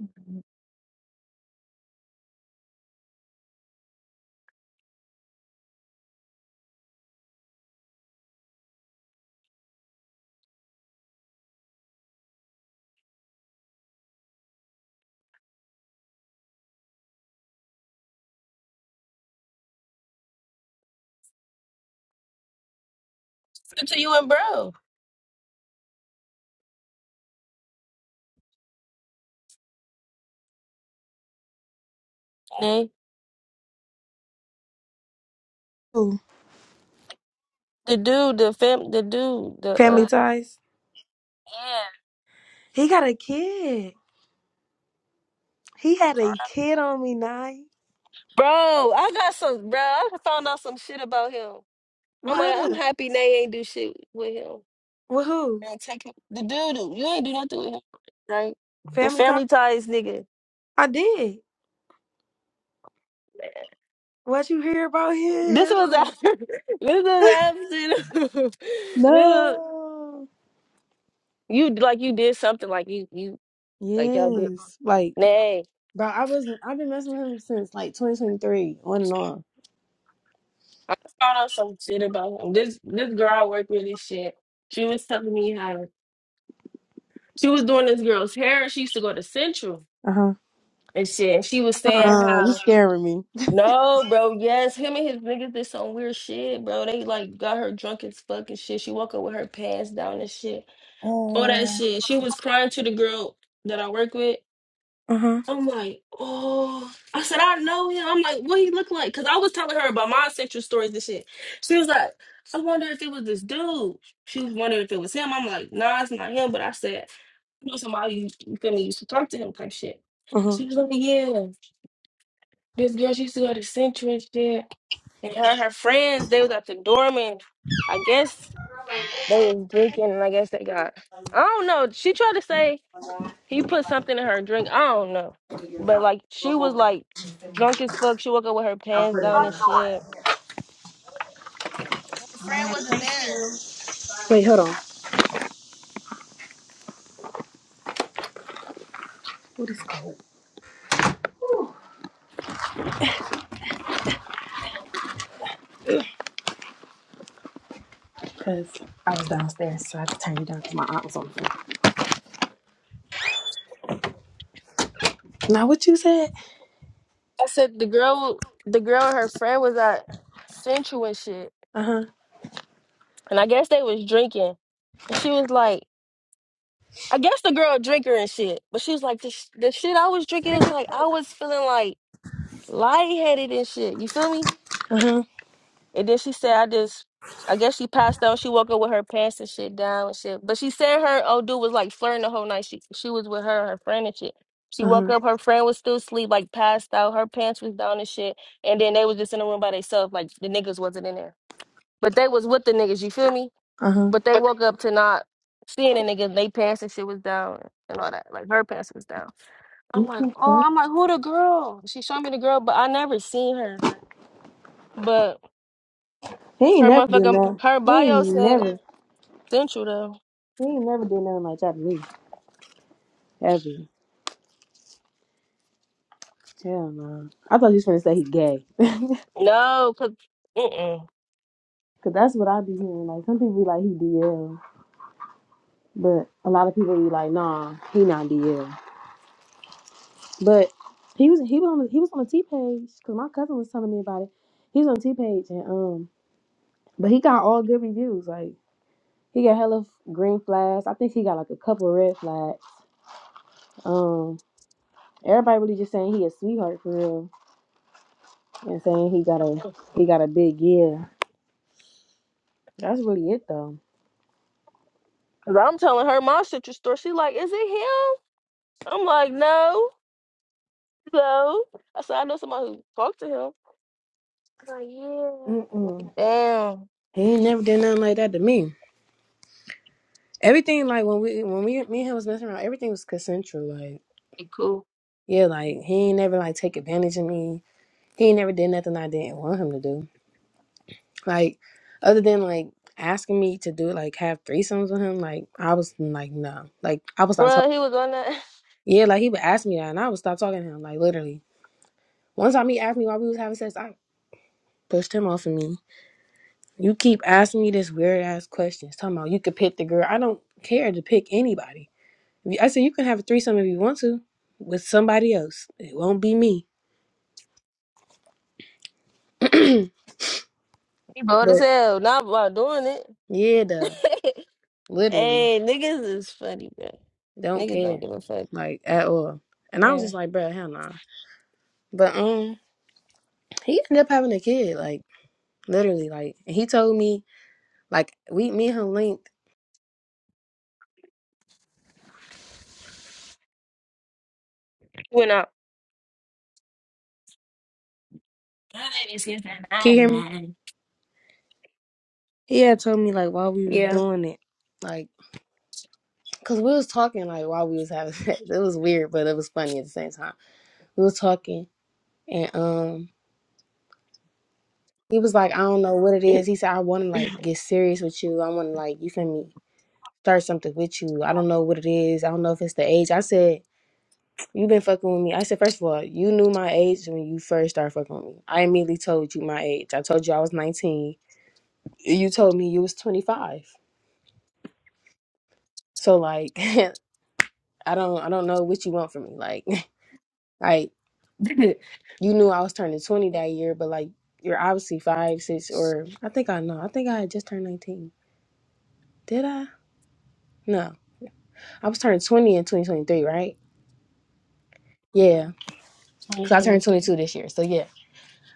S1: listening to you and bro. Nay.
S2: Who?
S1: The dude, the fam, the dude, the
S2: Family
S1: uh,
S2: ties.
S1: yeah,
S2: He got a kid. He had a kid on me, night.
S1: bro. I got some, bro. I found out some shit about him. I'm like, I'm
S2: What?
S1: happy they ain't do shit with him.
S2: With who?
S1: And take him, the dude, dude, you ain't do nothing with him, right? The
S2: Family ties.
S1: family ties, nigga.
S2: I did. What you hear about
S1: This was
S2: him?
S1: after. This was after. this was.
S2: No.
S1: You like you did something like you you like y'all did.
S2: Yes. Like,
S1: Nay,
S2: Bro, I wasn't. I've been messing with him since like 2023, on and on.
S1: I just found out some shit about him. This this girl I work with, this shit. She was telling me how she was doing this girl's hair. She used to go to Central
S2: uh huh.
S1: and shit. And she was saying
S2: Uh, you
S1: how
S2: scaring me.
S1: no, bro, yes, him and his niggas did some weird shit, bro. They like got her drunk as fuck and shit. She woke up with her pants down and shit. All
S2: Uh,
S1: that shit. She was crying to the girl that I work with.
S2: Uh huh.
S1: I'm like, oh. I said, I know him. I'm like, what he look like? Because I was telling her about my sexual stories and shit. She was like, I wonder if it was this dude. She was wondering if it was him. I'm like, nah, it's not him. But I said, you know somebody you, you feel me used to talk to him type shit.
S2: uh-huh.
S1: She was like, yeah, this girl she used to go to Central and shit. And her and her friends, they was at the dorm and I guess they was drinking and I guess they got I don't know. She tried to say he put something in her drink. I don't know. But like she was like drunk as fuck. She woke up with her pants down and shit. Her friend wasn't there.
S2: Wait, hold on, cause downstairs, so I had to turn you down because my aunt was on the phone. Now, what you said?
S1: I said the girl the girl and her friend was at Central and shit.
S2: Uh huh.
S1: And I guess they was drinking. And she was like I guess the girl a drinker and shit. But she was like the, sh- the shit I was drinking was like I was feeling like lightheaded and shit. You feel me?
S2: Uh huh.
S1: And then she said, I just, I guess she passed out. She woke up with her pants and shit down and shit. But she said her old dude was like flirting the whole night. She she was with her, her friend and shit. She
S2: Uh
S1: woke
S2: huh.
S1: up, her friend was still asleep, like passed out. Her pants was down and shit. And then they was just in the room by themselves, like the niggas wasn't in there. But they was with the niggas, you feel me?
S2: Uh huh.
S1: But they woke up to not seeing the niggas. They pants and shit was down and all that. Like her pants was down. I'm like, oh,
S2: Mm-hmm.
S1: I'm like, who the girl? She showed me the girl, but I never seen her. But
S2: He ain't
S1: her
S2: never did
S1: motherfucking
S2: that.
S1: her
S2: He ain't
S1: bio said
S2: never.
S1: Central though.
S2: He ain't never did nothing like that to me. Ever. Hell no. I thought you was gonna say he gay.
S1: No, cause mm-mm.
S2: Cause that's what I be hearing. Like some people be like he DL, but a lot of people be like, nah, he not DL. But he was he was on the, he was on the T page because my cousin was telling me about it. He was on T page and um, but he got all good reviews. Like he got hella green flags. I think he got like a couple red flags. Um, everybody really just saying he a sweetheart for real and saying he got a he got a big yeah. That's really it though.
S1: 'Cause I'm telling her my Central store. She like, is it him? I'm like, no, no. I said I know somebody who talked to him. She's Like, yeah.
S2: Mm-mm.
S1: Damn.
S2: He ain't never did nothing like that to me. Everything like when we when we me and him was messing around, everything was consensual. Like
S1: He cool.
S2: yeah, like he ain't never like take advantage of me. He ain't never did nothing I didn't want him to do. Like other than like asking me to do like have threesomes with him, like I was like no, like I was not talking.
S1: Bruh, he was on that.
S2: Yeah, like he would ask me that, and I would stop talking to him. Like literally, one time he asked me why we was having sex, I pushed him off of me. You keep asking me this weird ass questions, talking about you could pick the girl. I don't care to pick anybody. If you- I said you can have a threesome if you want to with somebody else. It won't be me. but
S1: He bold as hell. Not about doing it.
S2: yeah, though, literally
S1: hey, niggas is funny, bro.
S2: don't
S1: Niggas don't
S2: care
S1: give a fuck,
S2: like at all. And I was just
S1: man.
S2: like, bro, hell nah. But um, he ended up having a kid, like literally, like and he told me, like we, me and him linked.
S1: Went out.
S2: Can you hear me?
S1: Mm.
S2: He had told me like while we was
S1: Yeah.
S2: doing it, like cause we was talking like while we was having sex. It was weird, but it was funny at the same time. We was talking and um. He was like, I don't know what it is. He said, I want to like get serious with you. I want to like, you feel me, start something with you. I don't know what it is. I don't know if it's the age. I said, you been fucking with me. I said, first of all, you knew my age when you first started fucking with me. I immediately told you my age. I told you I was 19. You told me you was 25. So like, I don't, I don't know what you want from me. Like, like
S1: 2023.
S2: you knew I was turning 20 that year, but like, you're obviously five, six, or I think I know. I think I had just turned 19. Did I? No. I was turning 20 in 2023, right? Yeah, because I turned 22 this year. So yeah,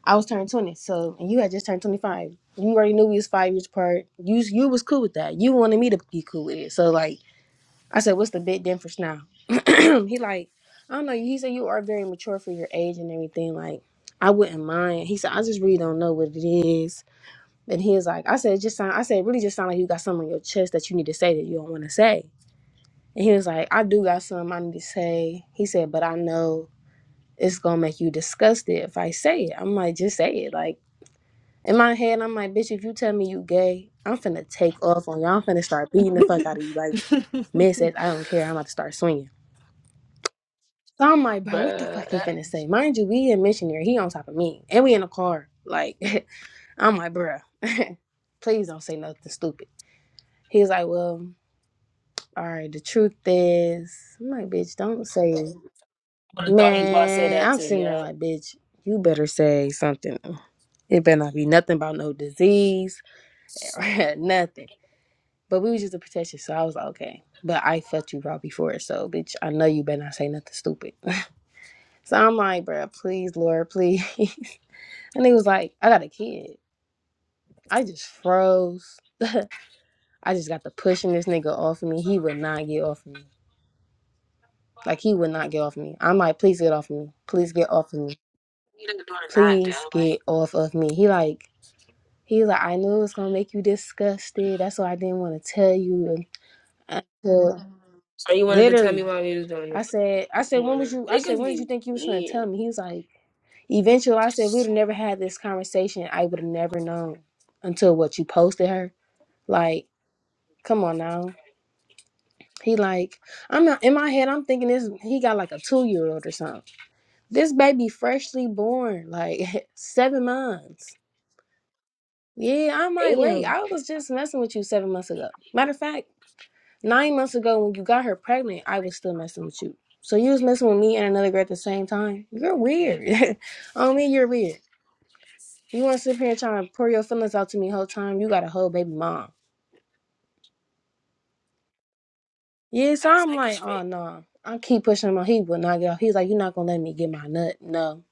S2: I was turning 20. So and you had just turned 25. You already knew we was five years apart. You you was cool with that. You wanted me to be cool with it. So like I said, what's the big difference now? he like, I don't know. He said you are very mature for your age and everything. Like I wouldn't mind. He said I just really don't know what it is. And he was like, I said it just sound. I said it really just sound like you got something on your chest that you need to say that you don't want to say. And he was like, I do got something I need to say. He said, but I know it's gonna make you disgusted if I say it. I'm like, just say it. Like in my head, I'm like, bitch, if you tell me you gay, I'm finna take off on you. I'm finna start beating the fuck out of you. Like, man says, I don't care. I'm about to start swinging. So I'm like, bro, what the
S1: Uh,
S2: fuck he
S1: I
S2: finna say? Mind you, we in missionary. He on top of me, and we in a car. Like, I'm like, bro, please don't say nothing stupid. He's like, well, all right. The truth is, I'm like, bitch, don't say it.
S1: would have thought he was about to say
S2: Man,
S1: that
S2: I'm
S1: too,
S2: sitting there
S1: yeah.
S2: like, bitch, you better say something. It better not be nothing about no disease, nothing. But we was just a protection, so I was like, okay. But I fucked you raw before, so bitch, I know you better not say nothing stupid. so I'm like, bruh, please, Lord, please. and he was like, I got a kid. I just froze. I just got to pushing this nigga off of me. He would not get off of me. Like he would not get off of me. I'm like, please get off of me. Please get off of me. Please get
S1: Like,
S2: off of me. He like He was like, I knew it was gonna make you disgusted. That's why I didn't want to tell you. Until
S1: so you wanted to tell me
S2: literally,
S1: why he was doing it.
S2: I said, I said,
S1: Come
S2: when
S1: on
S2: was you?
S1: now.
S2: I said,
S1: Niggas
S2: when did
S1: be
S2: you think you was gonna tell
S1: weird.
S2: me? He was like, eventually. I said, we would have never had this conversation. I would have never known until what you posted her. Like, come on now. He like, I'm not in my head. I'm thinking this. He got like a two year old or something. This baby freshly born, like seven months. Yeah, I might wait.
S1: Damn.
S2: I was just messing with you seven months ago. Matter of fact. Nine months ago, when you got her pregnant, I was still messing with you. So you was messing with me and another girl at the same time. You're weird. On me, you're weird. You want to sit here and try and pour your feelings out to me the whole time? You got a whole baby mom. Yeah, so
S1: That's
S2: I'm
S1: niggas
S2: like, oh
S1: straight.
S2: no. I keep pushing him on. He will not get off. He's like, you're not gonna let me get my nut. No.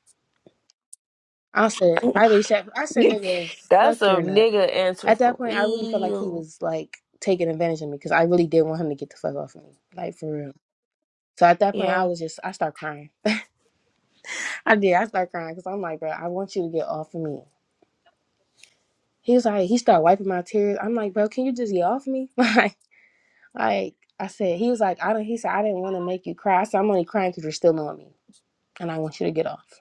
S2: I said, I really said, I said, nigga,
S1: That's
S2: fuck
S1: a
S2: your nut.
S1: nigga answer
S2: At that
S1: for
S2: point, I really felt like he
S1: real.
S2: was like taking advantage of me because I really did want him to get the fuck off of me, like for real. So at that point, I
S1: Yeah.
S2: was just, I start crying. I did. I started crying because I'm like, bro, I want you to get off of me. He was like, he started wiping my tears. I'm like, bro, can you just get off me? Like, like I said, he was like, I don't. He said, I didn't want to make you cry. I said, I'm only crying because you're still on me, and I want you to get off.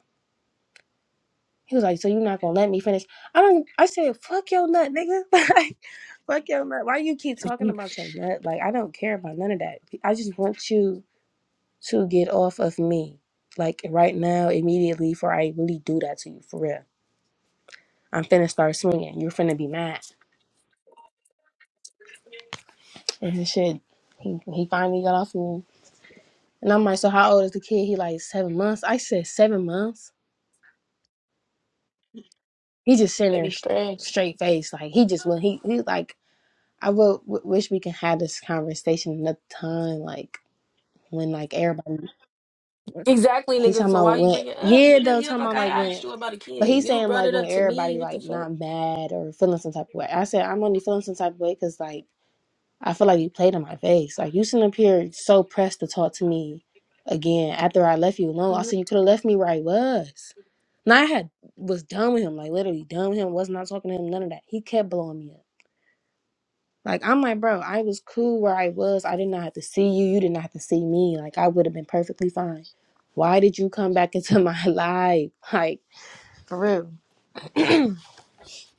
S2: He was like, so you're not gonna let me finish? I don't. I said, fuck your nut, nigga. Like, fuck your nut. Why you keep talking about your nut? Like, I don't care about none of that. I just want you to get off of me, like right now, immediately, before I really do that to you, for real. I'm finna start swinging. You're finna be mad. And shit, he, he finally got off of me. And I'm like, so how old is the kid? He like seven months. I said seven months. He just sitting
S1: They
S2: there
S1: be
S2: sh-
S1: stressed.
S2: straight face, like he just when he he like I would w- wish we could have this conversation another time, like when like everybody.
S1: Exactly,
S2: He
S1: nigga.
S2: talking
S1: So
S2: about
S1: why you
S2: when
S1: bring it up,
S2: yeah
S1: nigga?
S2: though
S1: You act
S2: talking
S1: like
S2: about
S1: I
S2: like when,
S1: asked you about a
S2: but
S1: kid.
S2: he's
S1: You
S2: saying
S1: brought
S2: like
S1: it
S2: when
S1: up to
S2: everybody
S1: me. What the
S2: like
S1: fuck?
S2: not mad or feeling some type of way. I said I'm only feeling some type of way because like I feel like you played in my face. Like you sitting up here so pressed to talk to me again after I left you alone. I
S1: Mhm.
S2: said you could have left me where I was. Now I had was done with him, like literally done with him, was not talking to him, none of that. He kept blowing me up. Like I'm like, bro, I was cool where I was. I did not have to see you. You did not have to see me. Like I would have been perfectly fine. Why did you come back into my life? Like for real.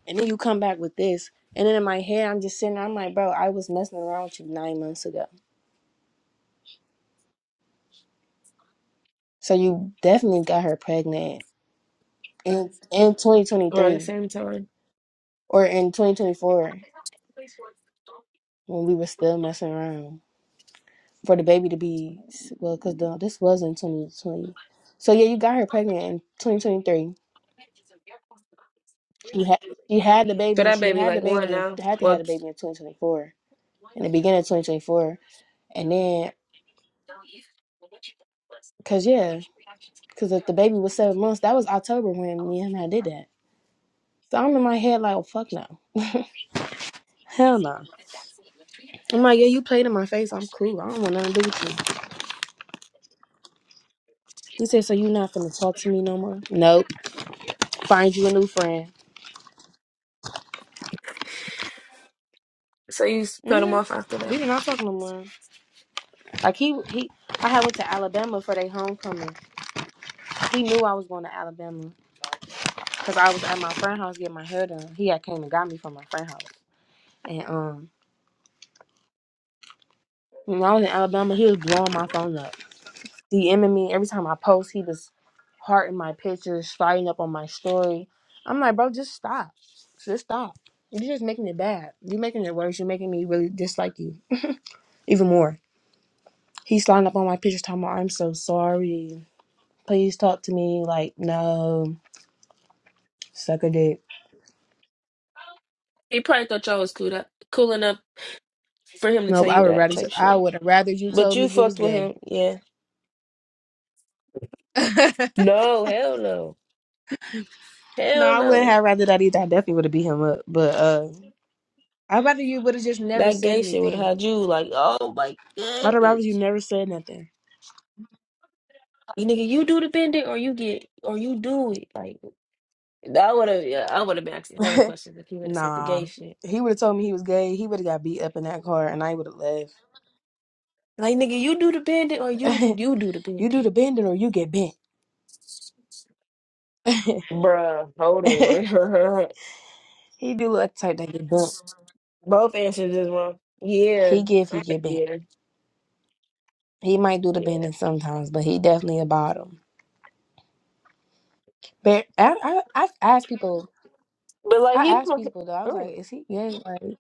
S2: And then you come back with this. And then in my head, I'm just sitting there, I'm like, bro, I was messing around with you nine months ago. So you definitely got her pregnant in in
S1: Around the
S2: 2023
S1: same time.
S2: or in 2024 when we were still messing around for the baby to be well because this was in 2020. So yeah, you got her pregnant in 2023. She had she had the
S1: So
S2: baby.
S1: that
S2: She
S1: baby
S2: had the
S1: like one
S2: baby and
S1: now.
S2: had to have
S1: Well,
S2: the baby in 2024 in the beginning of 2024. And then because yeah, because if the baby was seven months, that was October when me and I did that. So I'm in my head like, oh fuck no, hell no. I'm like, yeah, you played in my face. I'm cool. I don't want nothing to do with you. He said, so you not gonna talk to me no more? Nope. Find you a new friend.
S1: so you s- cut him
S2: hmm
S1: off after
S2: We
S1: that.
S2: did not talk no more. Like he he, I had went to Alabama for their homecoming. He knew I was going to Alabama because I was at my friend house getting my hair done. He had came and got me from my friend house, and um, when I was in Alabama, he was blowing my phone up. DMing me every time I post. He was hearting my pictures, fighting up on my story. I'm like, bro, just stop, just stop. You're just making it bad. You're making it worse. You're making me really dislike you even more. He's sliding up on my pictures, talking about I'm so sorry. Please talk to me. Like, no, suck a dick.
S1: He probably thought y'all was cool up, cool enough for him to tell
S2: Nope, I
S1: you
S2: would
S1: that
S2: rather
S1: type
S2: I
S1: shit.
S2: would have rather you
S1: But
S2: told me
S1: you
S2: you was
S1: fucked with
S2: gay.
S1: him, yeah?
S2: no,
S1: No, hell no. Hell
S2: I wouldn't
S1: no.
S2: have rather that either. I definitely would have beat him up. But uh I'd rather you would have just never
S1: That
S2: said
S1: gay shit would have
S2: anything.
S1: had you like, oh my
S2: I'd have rather you
S1: goodness.
S2: never said nothing.
S1: You nigga, you do the bending or you get or you do it. Like that would have yeah, I would have been asking hella questions if he would have said the
S2: Nah,
S1: gay shit.
S2: he would have told me he was gay. He would have got beat up in that car, and I would have left.
S1: Like nigga, you do the bending or you you do the
S2: you do
S1: bending.
S2: the bending or you get bent.
S1: Bruh, hold on.
S2: he do look like the type that get bent.
S1: Both answers is wrong. Yeah.
S2: He give, he
S1: I-
S2: get bent.
S1: Yeah.
S2: He might do the
S1: Yeah.
S2: bending sometimes, but he definitely a bottom. But I, I, I asked people.
S1: But like
S2: I
S1: he
S2: asked
S1: pro-
S2: people though. I was like,
S1: oh,
S2: "Is he gay?" Like,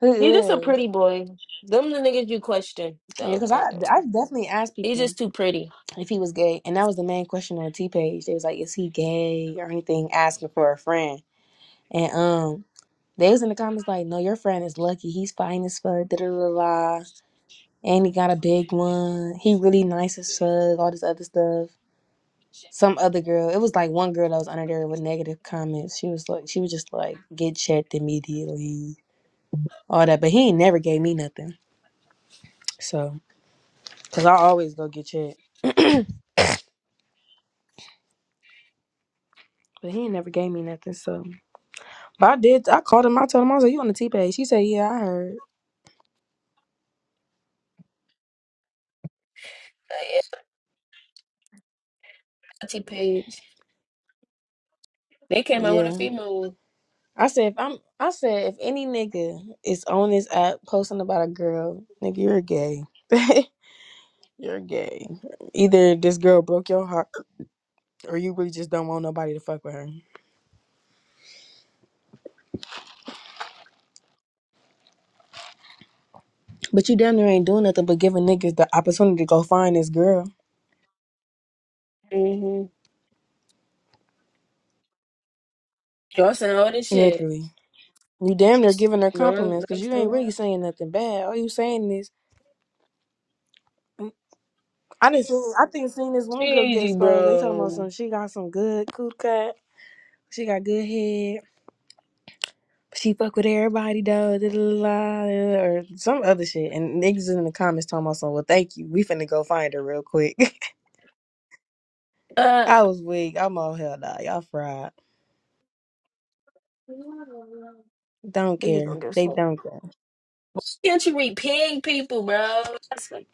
S2: who
S1: he just a
S2: is?
S1: pretty boy. Them the niggas you question
S2: Yeah,
S1: though.
S2: because
S1: I
S2: I,
S1: ain't gonna
S2: I
S1: lie.
S2: definitely asked
S1: He's
S2: people
S1: just too pretty.
S2: if he was gay, and that was the main question on the T page. They was like, "Is he gay or anything?" Asking for a friend. And um, they was in the comments like, "No, your friend is lucky. He's fine as fuck. Da da da da. And he got a big one. He really nice as fuck. All this other stuff." Some other girl, it was like one girl that was under there with negative comments. She was like, she was just like, get checked immediately, all that. But he ain't never gave me nothing. So, cause I always go get checked. But he ain't never gave me nothing. So, but I did. I called him. I told him I was like, you on the T page? She said, yeah, I heard.
S1: Auntie Page. They came out with a
S2: Yeah.
S1: female one.
S2: I said if I'm I said if any nigga is on this app posting about a girl, nigga, you're gay. you're gay. Either this girl broke your heart or you really just don't want nobody to fuck with her. But you damn near ain't doing nothing but giving niggas the opportunity to go find this girl.
S1: Mm-hmm. Y'all saying all this shit.
S2: Literally. You damn near giving her
S1: No,
S2: compliments because
S1: next
S2: you
S1: to
S2: ain't
S1: me.
S2: really saying nothing bad. All you saying is "Mm, I didn't see I think seen this one girl get
S1: Easy,
S2: exposed. They talking about
S1: bro.
S2: some she got some good cool cut. She got good head. she fuck with everybody though, da, da, da, da, or some other shit. And niggas in the comments talking about something. Well, thank you. We finna go find her real quick.
S1: Uh,
S2: I was weak. I'm all hell nah. Y'all fried. Don't
S1: niggas
S2: care.
S1: don't get
S2: They
S1: fucked.
S2: don't care.
S1: Can't you read pig people, bro? That's like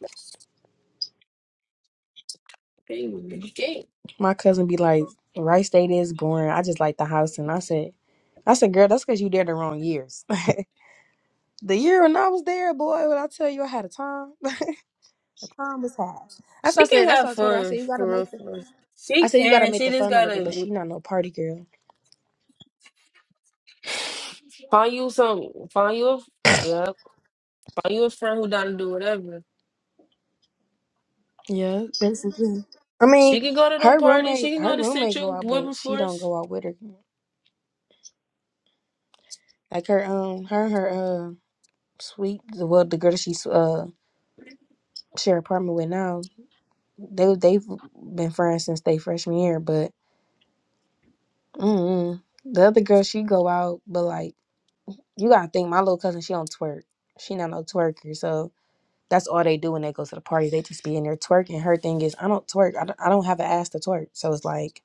S1: pig. You can't.
S2: My cousin be like, Wright State is boring. I just like the house. And I said, I said, girl, that's because you there the wrong years. the year when I was there, boy, when I tell you I had a time, time was high. That's what
S1: She
S2: I said.
S1: can
S2: That's
S1: have
S2: what I told her. I said,
S1: fun
S2: you gotta
S1: for real,
S2: make the.
S1: for real. She
S2: I said you gotta
S1: can.
S2: make
S1: She
S2: the
S1: just
S2: fun out of it, but
S1: gotta
S2: she not no party girl.
S1: find you some. Find you a yeah. Find you a friend who down to do whatever.
S2: Yeah, basically. I mean,
S1: She can go to them
S2: her
S1: parties. She
S2: roommate,
S1: can
S2: her
S1: go to
S2: roommate go
S1: Central
S2: out, but
S1: Women
S2: she don't
S1: Force.
S2: go out with her. Like her, um, her, her, uh, sweet, well, the girl that she uh share apartment with now, they they've been friends since they freshman year. But mm the other girl, she go out, but like you gotta think, my little cousin, she don't twerk. She not no twerker, so that's all they do when they go to the party. They just be in there twerking. Her thing is, I don't twerk. I don't, I don't have an ass to twerk. So it's like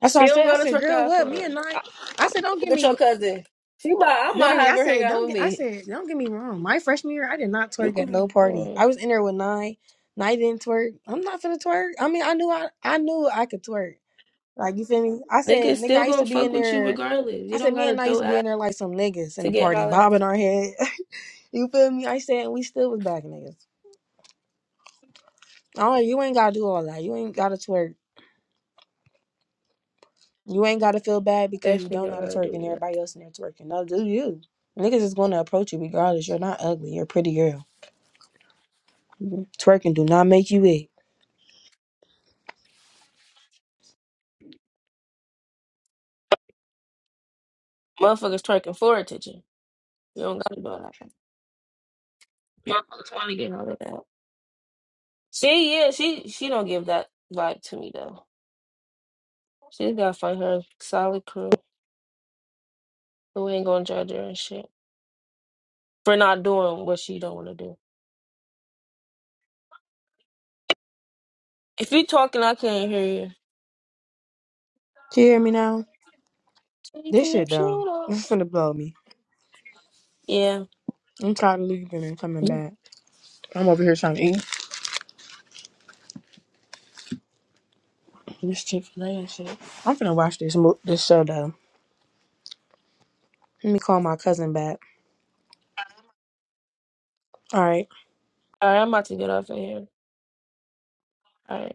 S2: That's what
S1: She
S2: I
S1: don't
S2: said. I
S1: go to
S2: said,
S1: twerk to
S2: girl,
S1: have
S2: what? Me
S1: fun.
S2: and
S1: I
S2: I, I said, don't
S1: fuck
S2: get
S1: with your
S2: me.
S1: cousin. She might, I might
S2: Literally,
S1: have
S2: I
S1: her hang
S2: said,
S1: out
S2: don't
S1: with
S2: get. I
S1: me.
S2: said, don't get me wrong. My freshman year, I did not
S1: You
S2: twerk at
S1: can
S2: no
S1: have
S2: party. I
S1: fun.
S2: was in there with nine. Nine didn't twerk. I'm not finna twerk. I mean, I knew I, I knew I could twerk. Like you feel me? I said,
S1: Niggas
S2: nigga,
S1: still
S2: I used
S1: gonna
S2: to be
S1: fuck
S2: in
S1: with you
S2: there.
S1: regardless. You
S2: I said,
S1: don't
S2: me
S1: gotta
S2: and I
S1: throw
S2: used to be
S1: ass
S2: in there like some niggas in
S1: to
S2: the
S1: get
S2: party,
S1: hollered
S2: bobbing
S1: at.
S2: our head. you feel me? I said, and we still was back niggas. Oh, you ain't gotta do all that. You ain't gotta twerk. You ain't gotta feel bad because you
S1: Definitely
S2: don't know
S1: don't
S2: how to
S1: gotta
S2: twerk
S1: do
S2: and
S1: nothing.
S2: everybody else in there twerking. No, do you? Niggas is gonna approach you regardless. You're not ugly. You're a pretty girl. Twerking do not make you it.
S1: Motherfuckers twerking for attention. You don't gotta do all that. Motherfuckers wanna get hollered at. She yeah, she she don't give that vibe to me though. She's gotta find her solid crew who ain't gonna judge her and shit for not doing what she don't wanna do. If you talking, I can't hear you.
S2: You hear me now?
S1: Take
S2: This
S1: 'em and
S2: shit dumb.
S1: shoot 'em.
S2: This finna blow me.
S1: Yeah.
S2: I'm tired of leaving and coming
S1: All
S2: back. I'm over here trying to eat this Chick Fil A and shit. I'm finna watch this mo- this show though. Let me call my cousin back. All right.
S1: right, I'm about to get off of here. All right.